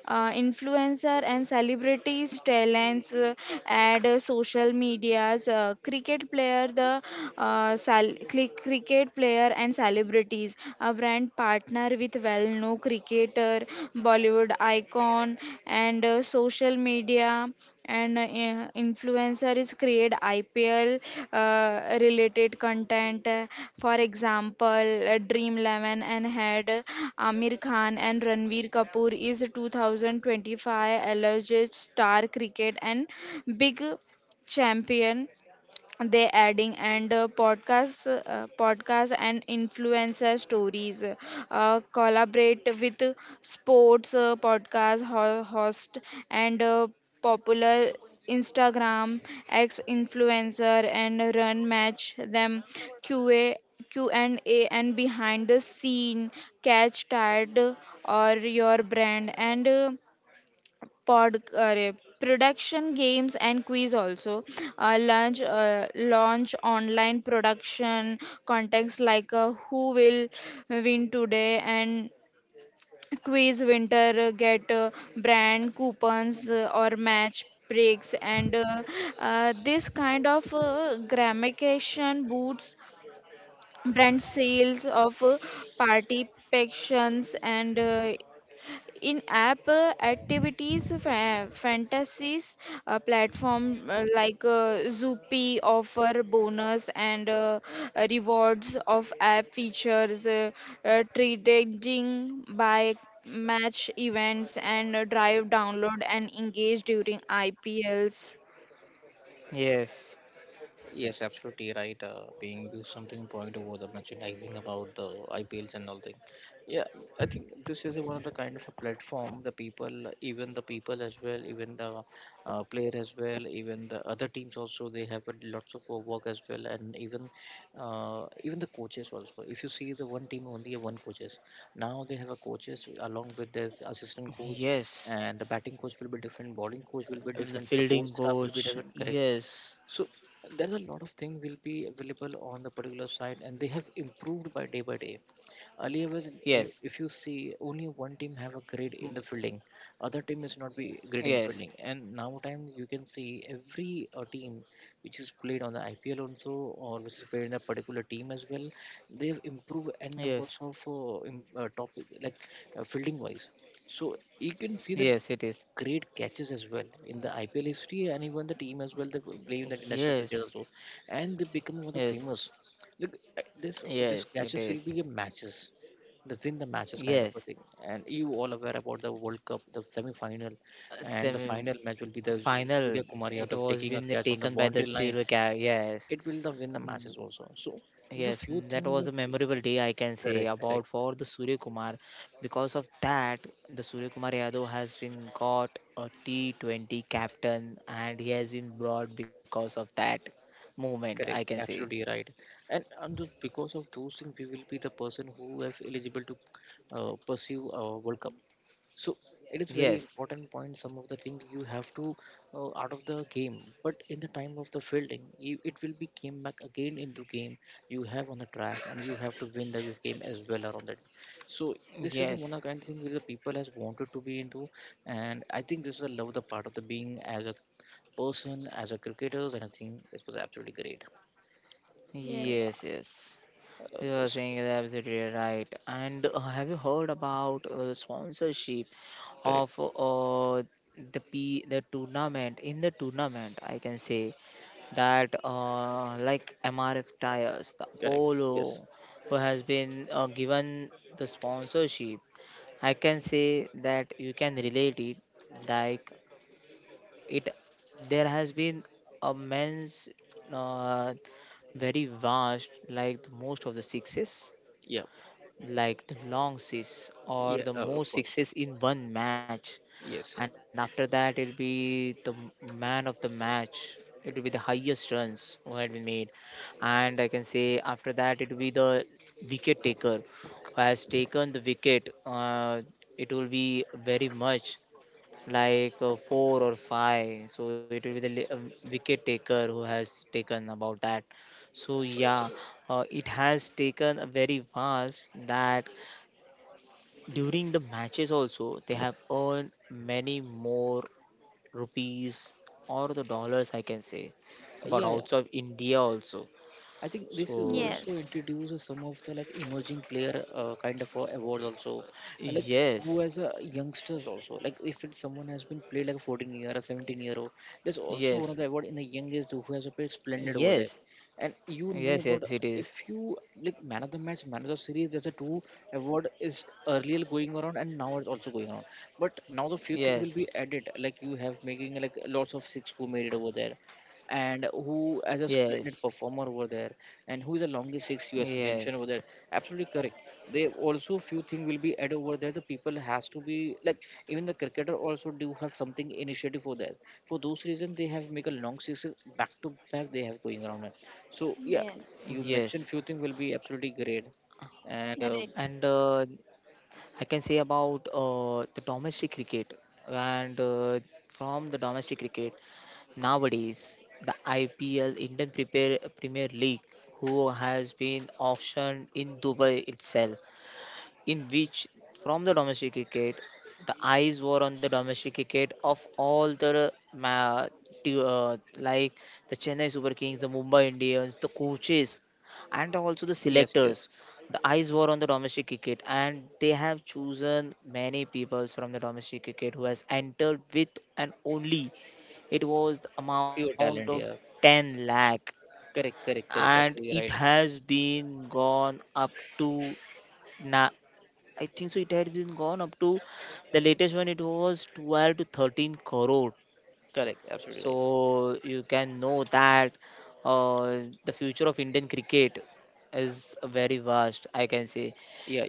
B: uh, influencer and celebrities, talents, uh, add uh, social medias, uh, cricket player, the uh, sal- cli- cricket player and celebrities, a brand partner partner with well known cricketer, Bollywood icon, and uh, social media, and uh, in- influencer is create I P L uh, related content. Uh, For example, uh, Dream eleven and had uh, Amir Khan and Ranveer Kapoor is two thousand twenty-five alleged star cricket and big champion they adding, and uh, podcasts uh, podcasts and influencer stories uh, collaborate with sports uh, podcast ho- host, and uh, popular instagram ex influencer and run match them qa q&a and A and behind the scene catch tired or your brand, and uh, pod uh, production games and quiz also uh, launch uh, launch online production contests like uh, who will win today, and quiz winter uh, get uh, brand coupons uh, or match breaks, and uh, uh, this kind of uh, gamification boosts brand sales of uh, party pactions, and uh, in app uh, activities fa- fantasies uh, platform uh, like uh, Zoopy offer bonus, and uh, uh, rewards of app features, uh, uh, trading by match events, and uh, drive download and engage during I P Ls.
C: Yes.
A: Yes, absolutely right. Uh, being you something point over the merchandising about the I P Ls and all thing. Yeah, I think this is one of the kind of a platform the people, even the people as well, even the uh, player as well, even the other teams also they have a lots of uh, work as well, and even uh, even the coaches also. If you see the one team only have one coaches, now they have a coaches along with their assistant coach,
C: Yes.
A: and the batting coach will be different, bowling coach will be
C: The
A: different, support
C: fielding
A: staff will be
C: coach.
A: different, correct,
C: Yes.
A: so there are a lot of things will be available on the particular site, and they have improved by day by day. Earlier, when, eh,
C: Yes.
A: if you see, only one team have a grade in
C: Mm.
A: the fielding, other team is not be great in
C: Yes.
A: the fielding. And now time you can see every uh, team which is played on the I P L also, or which is played in a particular team as well, they have improved n
C: Yes.
A: numbers of uh, im- uh, topic like uh, fielding wise. So you can see that
C: Yes, it is.
A: great catches as well in the I P L history and even the team as well. They play in the international cricket
C: Yes.
A: also, and they become one of the
C: Yes.
A: famous. Look, uh, this this
C: Yes, it
A: catches will
C: is.
A: be a matches. They win the matches kind of a
C: Yes.
A: thing, and you all aware about the World Cup, the semi-final,
C: Uh,
A: and the
C: Semi
A: final match will be the
C: final.
A: Surya Kumar
C: It
A: Yadav
C: was
A: taking a
C: been
A: catch on the
C: taken by the
A: boundary line.
C: Silver Cat. Yes.
A: It will the win the matches also. So the
C: Yes,
A: few
C: that was a
A: things,
C: memorable day I can say,
A: correct,
C: about
A: correct.
C: for the Surya Kumar. Because of that, the Surya Kumar Yadav has been got a T twenty captain, and he has been brought because of that movement, I can
A: Correct,
C: say.
A: absolutely right. And, and th- because of those things, we will be the person who is eligible to uh, pursue a World Cup. So it is very
C: Yes,
A: important point. Some of the things you have to uh, out of the game, but in the time of the fielding, you, it will be came back again into game. You have on the track, and you have to win this game as well around that. So this is the
C: yes,
A: one of kind of thing which the people has wanted to be into, and I think this is a love the part of the being as a person, as a cricketer, and I think it was absolutely great.
C: yes,
B: Yes,
C: yes.
A: Uh,
C: You are
A: s-
C: saying it absolutely right. And uh, have you heard about uh, the sponsorship
A: Correct,
C: of, uh, the P the tournament, in the tournament? I can say that, uh, like M R F tires, the
A: correct. Yes.
C: Apollo, who has been uh, given the sponsorship. I can say that you can relate it like it. There has been a men's, uh, very vast, like most of the success,
A: Yeah,
C: like the long seas or
A: yeah.
C: the
A: Uh, of
C: most
A: course.
C: sixes in one match.
A: Yes.
C: And after that it'll be the m- man of the match. It'll be the highest runs who had been made. And I can say after that it'll be the wicket taker who has taken the wicket. Uh, it will be very much like, uh, four or five. So it will be the li- uh, wicket taker who has taken about that. So yeah, uh, it has taken a very vast, that during the matches also they have earned many more rupees or the dollars, I can say,
A: Uh,
C: about
A: yeah yeah
C: outside of India also.
A: I think this is
C: So
A: also
B: yes.
A: introduce some of the like emerging player uh, kind of uh, awards also. Uh, like who
C: yes,
A: as a youngsters also. Like if it's someone has been played like a fourteen year or seventeen year old, there's also one of
C: yes,
A: the award in the youngest who has played splendid over there.
C: yes,
A: And you know
C: yes.
A: about
C: Yes, it is.
A: if you like man of the match, man of the series, there's a two award is earlier going around and now it's also going around. But now the few thing
C: Yes,
A: will be added. Like you have making like lots of six who made it over there and who as a
C: yes,
A: splendid performer over there and who is the longest six you has
C: yes,
A: mentioned over there, absolutely correct, they also few things will be added over there the people has to be like even the cricketer also do have something initiative for that, for those reasons they have make a long sixes back to back they have going around it. So yeah,
B: Yes.
A: you mentioned
C: yes.
A: few things will be absolutely great. And uh,
B: Right.
C: And uh, I can say about uh, the domestic cricket. And uh, from the domestic cricket nowadays, the I P L Indian Prepar- Premier League who has been auctioned in Dubai itself. In which, from the domestic cricket, the eyes were on the domestic cricket of all the ma- t- uh, like the Chennai Super Kings, the Mumbai Indians, the coaches, and also the
A: yes,
C: selectors.
A: yes,
C: The eyes were on the domestic cricket, and they have chosen many people from the domestic cricket who has entered with. And only it was the
A: pure
C: amount of
A: talent, yeah.
C: ten lakh,
A: Correct, correct, correct,
C: and it
A: absolutely right.
C: has been gone up to now, I think so. It had been gone up to the latest one. It was twelve to thirteen crore.
A: Correct, absolutely right.
C: So you can know that, uh, the future of Indian cricket is very vast, I can say.
A: Yeah.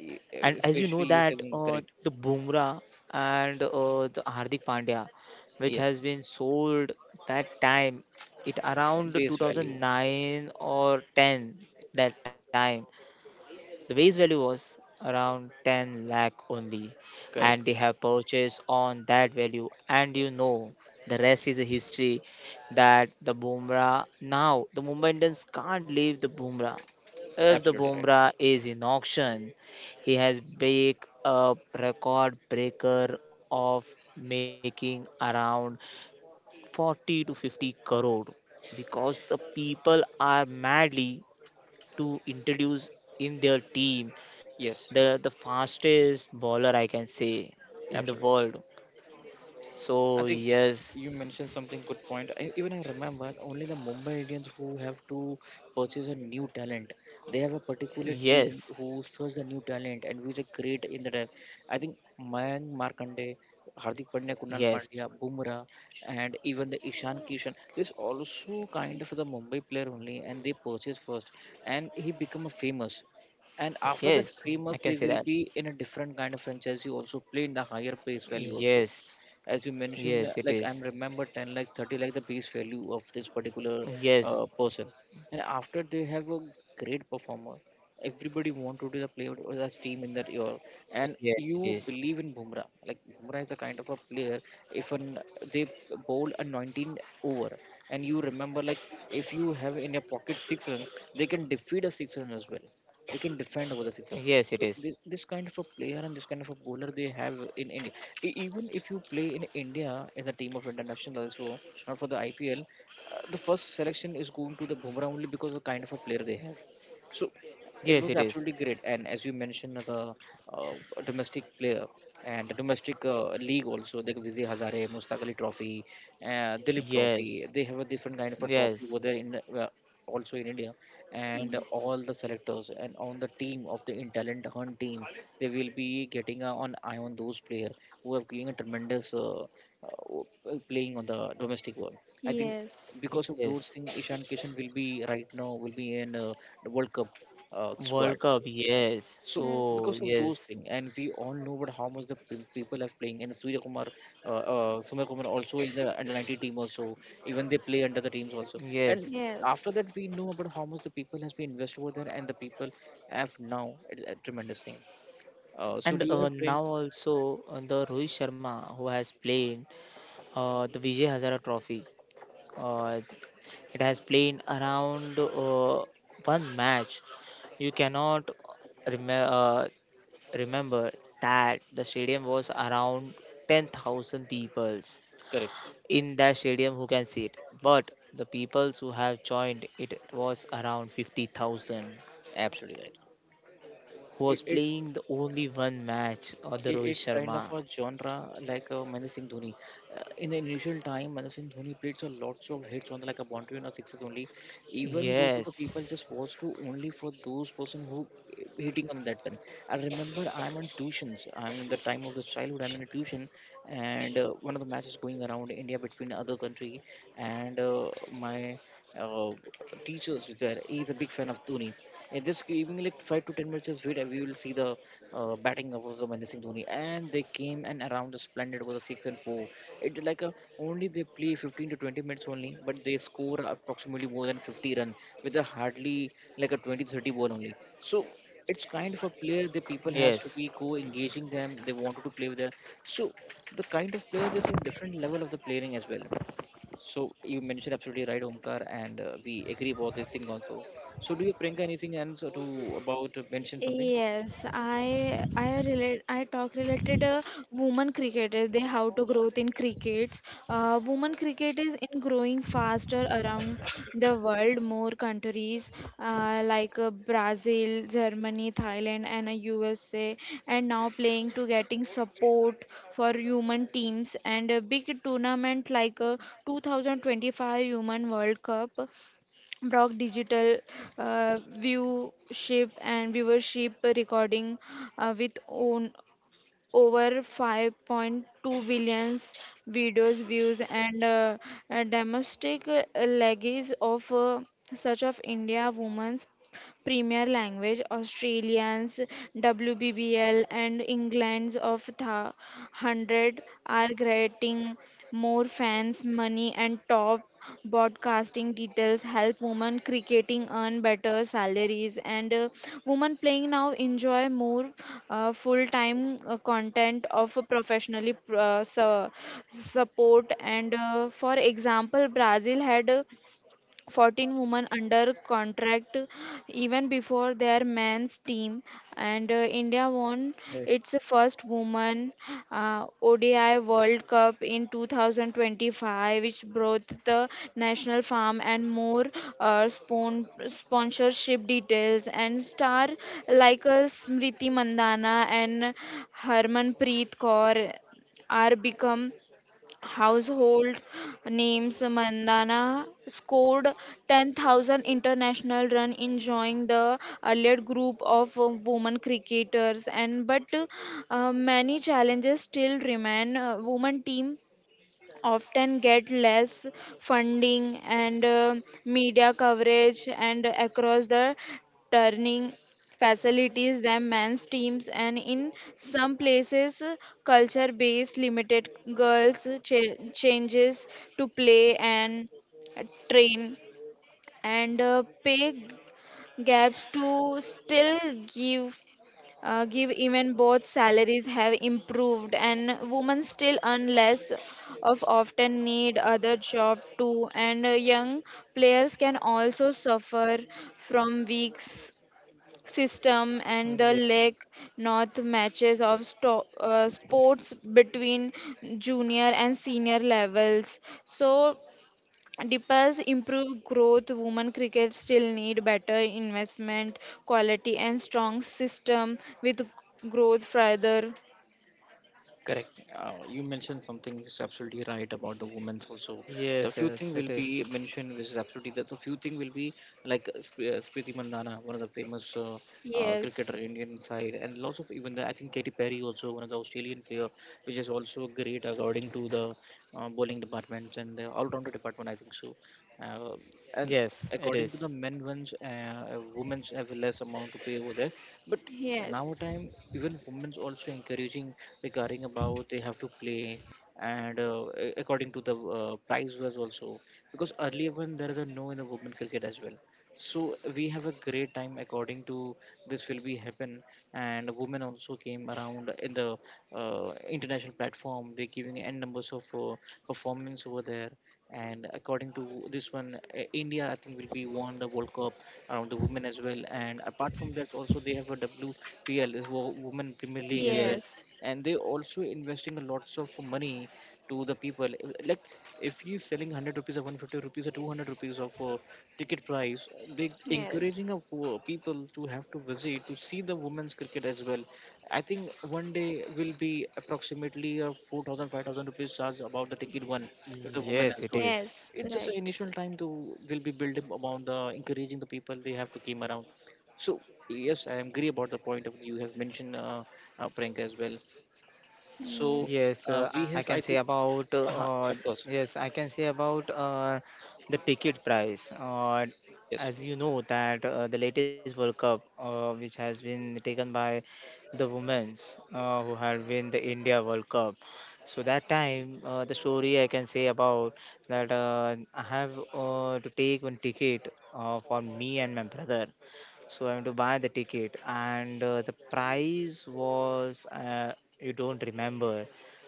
A: e- e-
C: And as you know
A: Especially you said
C: that,
A: something
C: uh,
A: correct.
C: the Bumrah and uh, the Hardik Pandya, which
A: Yes.
C: has been sold that time, it around
A: Base value.
C: two thousand nine or ten. That time the base value was around ten lakh only,
A: Correct.
C: and they have purchased on that value. And you know, the rest is a history, that the Bumrah, now the Mumbai Indians can't leave the Bumrah. If the
A: Absolutely right.
C: Bumrah is in auction, he has break a record breaker of making around forty to fifty crore, because the people are madly to introduce in their team
A: Yes.
C: the the fastest bowler, I can say, in the
A: Absolutely.
C: world.
A: I
C: So
A: think
C: yes,
A: you mentioned something good point. I, even I remember only the Mumbai Indians who have to purchase a new talent. They have a particular team
C: yes,
A: who search the new talent and which are great in the depth. I think Mayank Markande, Hardik Pandya, Kunal
C: yes,
A: Pandya, Bumrah, and even the Ishan Kishan. This also kind of the Mumbai player only, and they purchase first, and he become a famous. And after that
C: yes,
A: famous,
C: I
A: they
C: can say
A: will
C: that.
A: be in a different kind of franchise. You also play in the higher pace value also
C: Yes,
A: as you mentioned, uh,
C: yes, it
A: like I'm
C: is.
A: remember ten like thirty like the piece value of this particular uh,
C: Yes,
A: person, and after they have a great performer, everybody want to do the player or the team in that year, and
C: yes, it
A: you
C: is.
A: believe in Bumrah. Like Bumrah is a kind of a player, if an, they bowl a nineteen over, and you remember like if you have in your pocket six runs, they can defeat a six run as well, they can defend over the sixer.
C: Yes, it is.
A: So this, this kind of a player and this kind of a bowler they have in India. E- Even if you play in India as a team of internationals, so or for the I P L, uh, the first selection is going to the Bumrah only because of the kind of a player they have. So
C: Yes, it
A: it was
C: is.
A: absolutely great. And as you mentioned, the uh, domestic player and the domestic uh, league also, like Vijay Hazare, Mustaq Ali Trophy, uh, Dilip
C: Yes,
A: Trophy, they have a different kind of a trophy
C: yes,
A: over there in uh, also in India. And
B: Yeah.
A: all the selectors and on the team of the in talent hunt team, they will be getting a- an eye on those players who have given a tremendous uh, uh, playing on the domestic world. I think
B: Yes.
A: because of those
C: yes.
A: things, Ishan Kishan will be right now will be in uh, the World Cup uh, squad.
C: World Cup, yes.
A: So
B: Yes.
C: So
A: because of those
C: yes,
A: things, and we all know about how much the pe- people are playing, and Surya Kumar, uh, uh, Surya Kumar also is the under ninety team also. Even they play under the teams also.
C: yes.
A: And after
B: Yes.
A: that, we know about how much the people has been invested over there, and the people have now a, a tremendous thing. Uh, so
C: And
A: do you
C: uh,
A: have playing,
C: now also, uh, the Rohit Sharma who has played uh, the Vijay Hazara Trophy. Uh, It has played around uh, one match. You cannot rem- uh, remember that the stadium was around ten thousand peoples
A: correct?
C: in that stadium who can see it. But the peoples who have joined it was around fifty thousand,
A: Absolutely right.
C: who
A: It,
C: was
A: it's
C: playing the only one match or the
A: i-
C: Rohit
A: it's kind of
C: Sharma.
A: a genre like uh, Mahendra Singh Dhoni. Uh, in the initial time, Mahendra Singh Dhoni played a lots of hits on the, like a boundary and a sixes only. Even those of the people
C: Yes.
A: just was to only for those person who uh, hitting on that then. I remember I'm on tuitions. I'm in the time of the childhood. I'm in a tuition, and uh, one of the matches going around India between other country, and uh, my uh, teachers there. He's a big fan of Dhoni. And just giving like five to ten minutes of wait, we will see the uh, batting of the Mahendra Singh Dhoni. And they came and around the splendid was a six and four. It like a, only they play fifteen to twenty minutes only, but they score approximately more than fifty run with a hardly like a twenty thirty ball only. So it's kind of a player the
C: Yes.
A: people has to be go engaging them. They wanted to play with them. So the kind of player there's a different level of the playing as well, so you mentioned absolutely right, Omkar, and uh, we agree about this thing also. So do you, Priyanka, anything else to about uh, mention something?
B: Yes, I I relate I talk related uh, women cricketers they how to growth in crickets. Uh, women cricket is in growing faster around the world. More countries uh, like uh, Brazil, Germany, Thailand, and uh, U S A, and now playing to getting support for human teams and a big tournament like uh, twenty twenty-five Human World Cup. Brock Digital uh, viewship and viewership recording uh, with own over five point two billion videos views, and uh, uh, domestic uh, legacies of uh, such of India women's Premier Language, Australians, W B B L, and England's of the hundred are getting more fans, money, and top broadcasting details help women cricketing earn better salaries. And uh, women playing now enjoy more uh, full-time uh, content of a professionally pr- uh, su- support. And uh, for example, brazil had uh, fourteen women under contract even before their men's team. And uh, india won
C: Yes.
B: its first women uh, odi world cup in twenty twenty-five, which brought the national farm and more uh, spon- sponsorship details. And star like uh, smriti mandana and harmanpreet kaur are become household names. Mandana scored ten thousand international run enjoying the allied group of uh, women cricketers. And but uh, many challenges still remain. Uh, women team often get less funding and uh, media coverage, and across the turning facilities than men's teams, and in some places culture based limited girls cha- changes to play and train, and uh, pay gaps to still give uh, give even both salaries have improved and women still earn less of often need other job too. And uh, young players can also suffer from weak s- system and the
C: Mm, ye-
B: lack. North matches of sto- uh, sports between junior and senior levels. So Dipas improve growth. Women cricket still need better investment, quality, and strong system with growth further.
A: Correct. Uh, you mentioned something is absolutely right about the women's also. The
C: Yes,
A: few thing
C: yes,
A: will
C: it
A: be
C: is.
A: mentioned, which is absolutely that the few thing will be like uh, Sp- uh, Smriti Mandana, one of the famous uh, uh, cricketer
B: Yes.
A: Indian side, and lots of even the I think Katy Perry also one of the Australian player, which is also great according to the uh, bowling department and the all-rounder department. I think so. Uh, and
C: Yes, it
A: according to the
C: is.
A: men ones, uh, uh, women's have less amount to pay over there. But
B: Yes.
A: nowadays, even women's also encouraging regarding about they have to play and uh, a- according to the uh, price was also, because earlier when there is a no in the women cricket as well. So we have a great time according to this will be happen, and women also came around in the uh, international platform. They're giving n numbers of uh, performance over there, and according to this one, uh, India I think will be won the World Cup around the women as well. And apart from that, also they have a W P L, uh, wo- Women Premier League as well.
B: Yes.
C: Yes.
A: And they also investing a lots of money to the people. Uh, Like if he's selling hundred rupees or one fifty rupees or two hundred rupees of uh, ticket price, they
B: Yes.
A: encouraging of uh, people to have to visit to see the women's cricket as well. I think one day will be approximately a four thousand five thousand rupees charge about the ticket one if the woman as
C: Yes,
A: well.
C: it is.
B: Yes.
A: It's just an
B: Right.
A: initial time to will be built up about the encouraging the people they have to came around. So yes, I agree about the point of you have mentioned uh, uh, Priyanka as well. So
B: Yes.
A: uh,
C: Yes,
A: we
C: uh, I
A: have
C: can
A: I
C: say
A: think
C: about
A: uh,
C: uh,
A: of course
C: yes, I can say about uh, the ticket price. Uh,
A: yes,
C: as you know that, uh, the latest World Cup, uh, which has been taken by the women's, uh, who had win the India World Cup. So that time, uh, the story I can say about, that uh, I have uh, to take one ticket, uh, for me and my brother. So I went to buy the ticket, and uh, the price was, uh, you don't remember.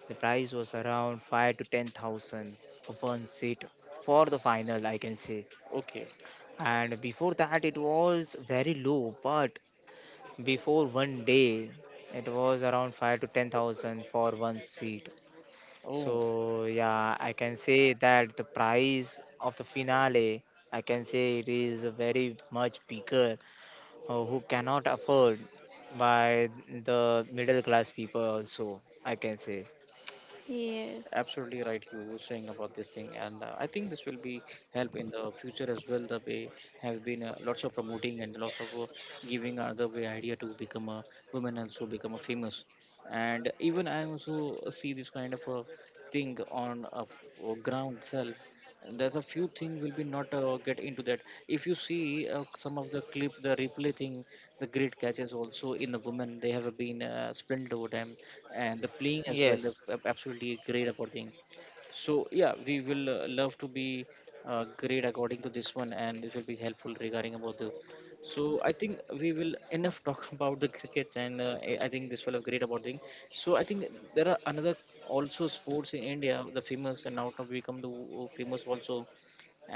C: The price was around five to ten thousand of one seat for the final, I can say.
A: okay,
C: And before that, it was very low, but before one day, it was around five to ten thousand for one seat.
A: oh,
C: So yeah, I can say that the price of the finale, I can say, it is very much bigger, uh, who cannot afford by the middle class people also, I can say.
B: Yes.
A: absolutely right, you were saying about this thing, and uh, I think this will be help in the future as well, the way have been uh, lots of promoting and lots of uh, giving other way idea to become a woman also become a famous, and even I also see this kind of a thing on a, a ground itself, and there's a few thing will be not uh, get into that. If you see uh, some of the clip the replay thing, the great catches also in the women, they have been uh, splendid over time, and the playing as well they
C: Yes,
A: the absolutely great about thing. So yeah, we will uh, love to be uh, great according to this one, and this will be helpful regarding about the. So I think we will enough talk about the cricket, and uh, I I think this will have great about thing. So I think there are another also sports in India, the famous and now to become the uh, famous also,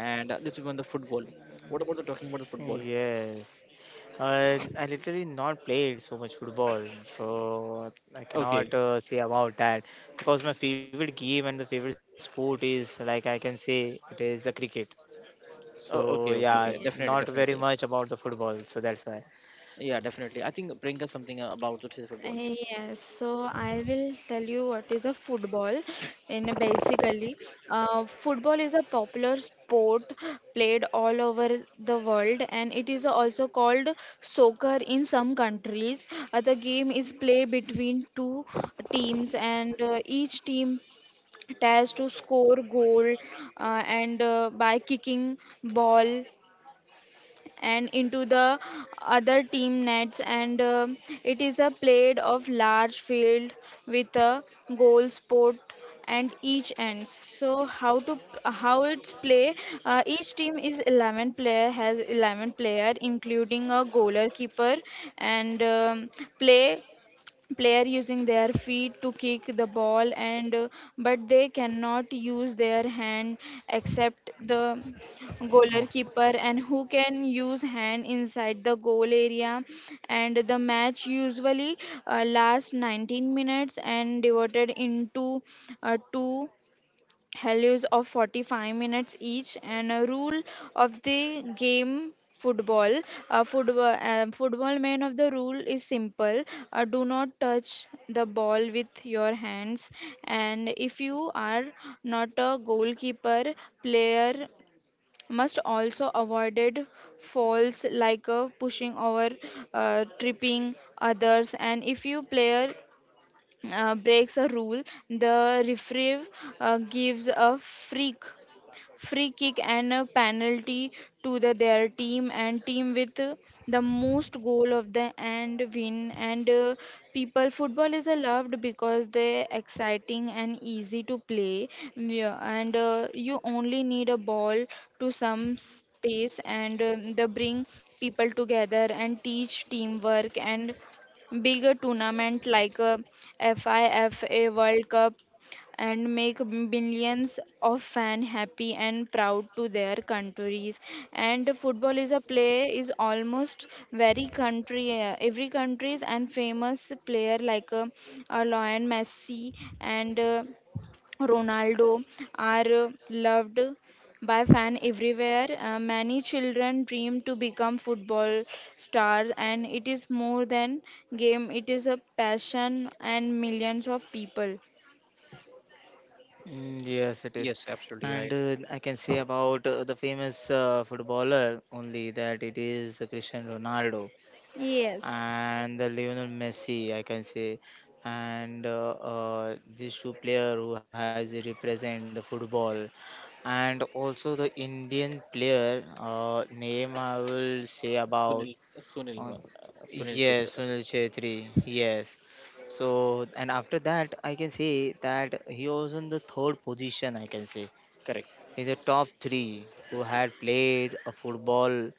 A: and uh, this is one the football. What about the talking about the football?
C: yes. Uh, i literally not played so much football, so I cannot
A: Okay,
C: uh, say about that, because my favorite game and the favorite sport is, like I can say, it is the cricket. So
A: oh, okay,
C: yeah,
A: okay, okay.
B: Yes.
C: not
A: Definitely,
C: very
A: definitely.
C: much about the football, so that's why.
A: Yeah, definitely. I think bring us something uh, about the
B: Uh,
A: football.
B: Yes, so I will tell you what is a football. In a basically, uh, football is a popular sport played all over the world, and it is also called soccer in some countries. Uh, the game is played between two teams, and uh, each team tries to score goal, uh, and uh, by kicking ball and into the other team nets, and um it is a played of large field with a goal spot and each ends. So how to how it's play, uh, each team is eleven player has eleven player including a goalkeeper, and um, play player using their feet to kick the ball, and uh, but they cannot use their hand except the goalkeeper, and who can use hand inside the goal area. And the match usually uh, lasts nineteen minutes and divided into uh, two halves of forty-five minutes each. And a rule of the game football, uh, football uh, football man of the rule is simple. uh, do not touch the ball with your hands, and if you are not a goalkeeper player, must also avoided falls like uh, pushing over, uh, tripping others. And if you player uh, breaks a rule, the referee uh, gives a freak free kick and a penalty to the, their team. And team with uh, the most goal of the end win. And uh, people football is a loved because they exciting and easy to play. Yeah, and uh, you only need a ball to some space, and um, they bring people together and teach teamwork. And bigger tournament like a FIFA World Cup and make millions of fans happy and proud to their countries. And football is a play is almost very country, uh, every countries, and famous player like uh, uh, Lionel Messi and uh, Ronaldo are uh, loved by fan everywhere. Uh, many children dream to become football stars, and it is more than game, it is a passion, and millions of people.
C: Mm. Yes, it is. And uh, I can say about uh, the famous uh, footballer only, that it is Cristiano Ronaldo
B: Yes.
C: and the Lionel Messi, I can say. And uh, uh, these two player who has represent the football. And also the Indian player uh, name I will say about,
A: Sunil, Sunil
C: on
A: one, uh, Sunil
C: yes,
A: Chitra.
C: Sunil Chhetri. Yes. So and after that, I can say that he was in the third position, I can say,
A: Correct.
C: in the top three who had played a football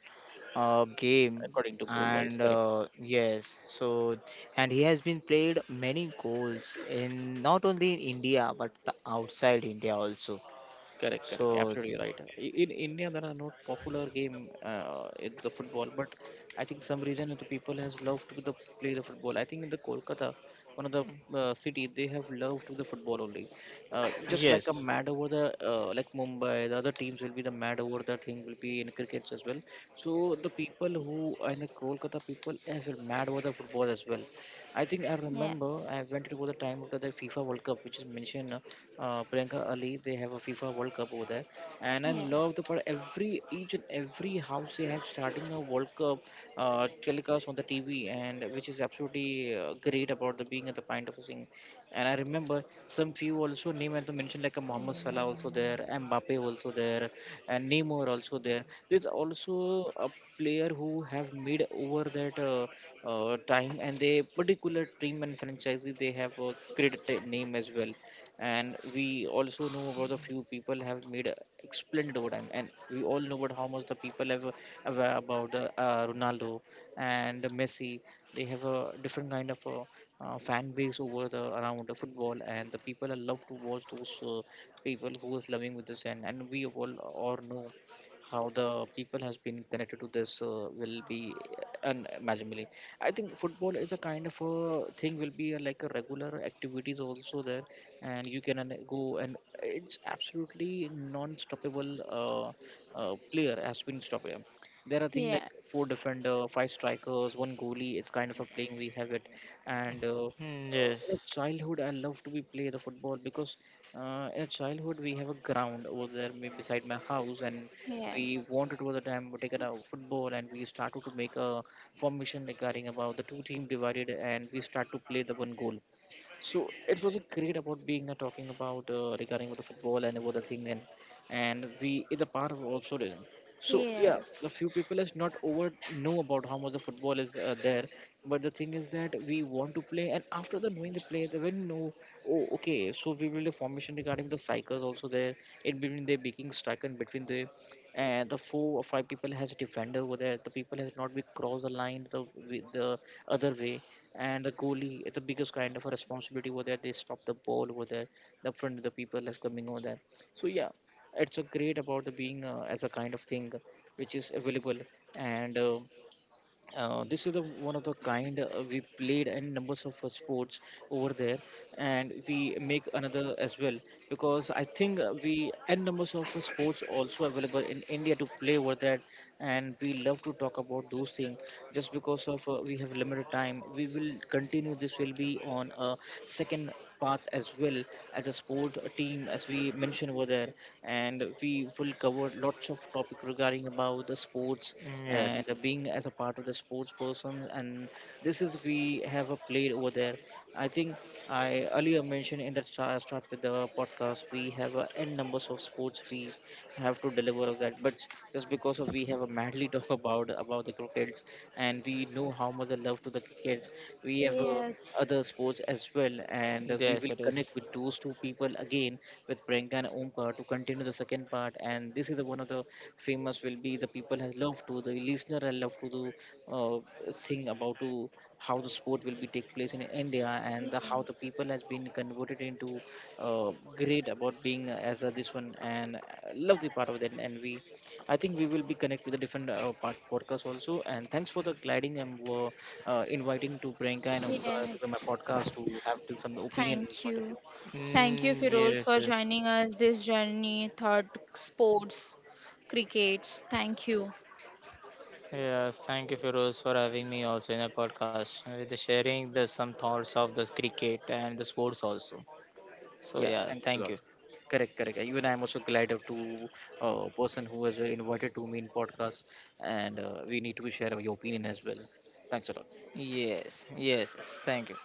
C: uh, game.
A: According to goal wise,
C: And
A: correct,
C: uh, yes, so and he has been played many goals in not only in India but the outside India also.
A: correct, correct,
C: So
A: absolutely right. I- in india, there are not popular game uh, in the football, but I think some reason the people has loved to the play the football. I think in the kolkata, one of the uh, city, they have loved to the football only, uh, just like a
C: yes.
A: mad over the uh, like mumbai. The other teams will be the mad over the thing will be in crickets as well. So the people who are in the kolkata people as well mad over the football as well. I think I
B: Yes,
A: remember I went to the time of the, the FIFA World Cup, which is mentioned. Uh, Priyanka Ali, they have a FIFA World Cup over there, and I
B: yes,
A: love the part. Every each and every house they have starting a World Cup uh, telecast on the T V, and which is absolutely uh, great about the being at the point of a thing. And I remember some few also name I to mention like a Mohamed Salah also there, Mbappe also there, and Neymar also there. There's also a player who have made over that uh, uh, time, and they particular team and franchise they have uh, created a name as well. And we also know about the few people have made uh, splendid over time. And we all know about how much the people have uh, aware about uh, uh, Ronaldo and Messi. They have a different kind of. Uh, uh, fan base over the around the football, and the people are love to watch those uh, people who is loving with this, and and we all or know how the people has been connected to this uh, will be unimaginably. I think football is a kind of a thing will be a, like a regular activities also there, and you can an- go. And it's absolutely non-stoppable, uh, uh, player has been stoppable. There are things like
B: yes,
A: four defender, five strikers, one goalie. It's kind of a playing we have it. And uh,
C: Mm, yes.
A: uh, in a childhood, I love to be play the football, because uh, in a childhood, we have a ground over there may- beside my house, and we
B: yes,
A: wanted all the time to take it out football, and we started to make a formation regarding about the two team divided, and we start to play the one goal. So it was a great about being uh, talking about uh, regarding with the football and about the thing, and and we is a part of also then. So yeah, the
B: yes,
A: few people is not over know about how much the football is uh, there, but the thing is that we want to play, and after the knowing the play, they will know. Oh, okay. So we will the formation regarding the cycles also there, in between the making striker and between the and the four or five people has a defender over there. The people has not be cross the line the with the other way, and the goalie, it's the biggest kind of a responsibility over there. They stop the ball over there the front of the people are coming over there. So yeah, it's a great about the being uh, as a kind of thing which is available, and uh, uh, this is the one of the kind uh, we played, and numbers of uh, sports over there, and we make another as well, because I think uh, we and numbers of uh, sports also available in india to play over that, and we love to talk about those things. Just because of uh, we have limited time, we will continue this will be on a second paths as well, as a sport team as we mentioned over there, and we will cover lots of topic regarding about the sports,
C: Mm, yes,
A: and being as a part of the sports person, and this is we have a played over there. I think I earlier mentioned in the start, start with the podcast, we have a n numbers of sports we have to deliver of that. But just because of we have a madly talk about about the crickets, and we know how much the love to the crickets, we have uh,
B: yes,
A: other sports as well, and uh, we
C: yes,
A: will
C: it is.
A: connect with those two people again with Priyanka and Omkar to continue the second part. And this is obviously the one of the famous will be the people has love to the listener has love to do uh, thing about to how the sport will be take place in India, and the, how the
B: yes,
A: people has been converted into uh, great about being as a, this one, and uh, love the part of that, and we I think we will be connect with the different uh, part podcast also, and thanks for the gliding, and uh, uh, inviting to Priyanka and Umka
B: yes.
A: to my podcast to have to some opinion and
B: Thank
A: point of view.
B: you. Thank you,
C: Mm,
B: Firoz,
C: yes,
B: for
C: yes.
B: joining us this journey, thought sports, crickets. Thank you.
C: Yes, thank you, Feroz, for having me also in a podcast, and with the sharing the some thoughts of the cricket and the sports also. So
A: Yeah,
C: yeah,
A: thanks a
C: thank
A: lot.
C: you.
A: Correct, correct. Even I'm also glad of to uh, person who has invited to me in podcast, and uh, we need to share your opinion as well. Thanks a lot.
C: Yes, yes, yes, thank you.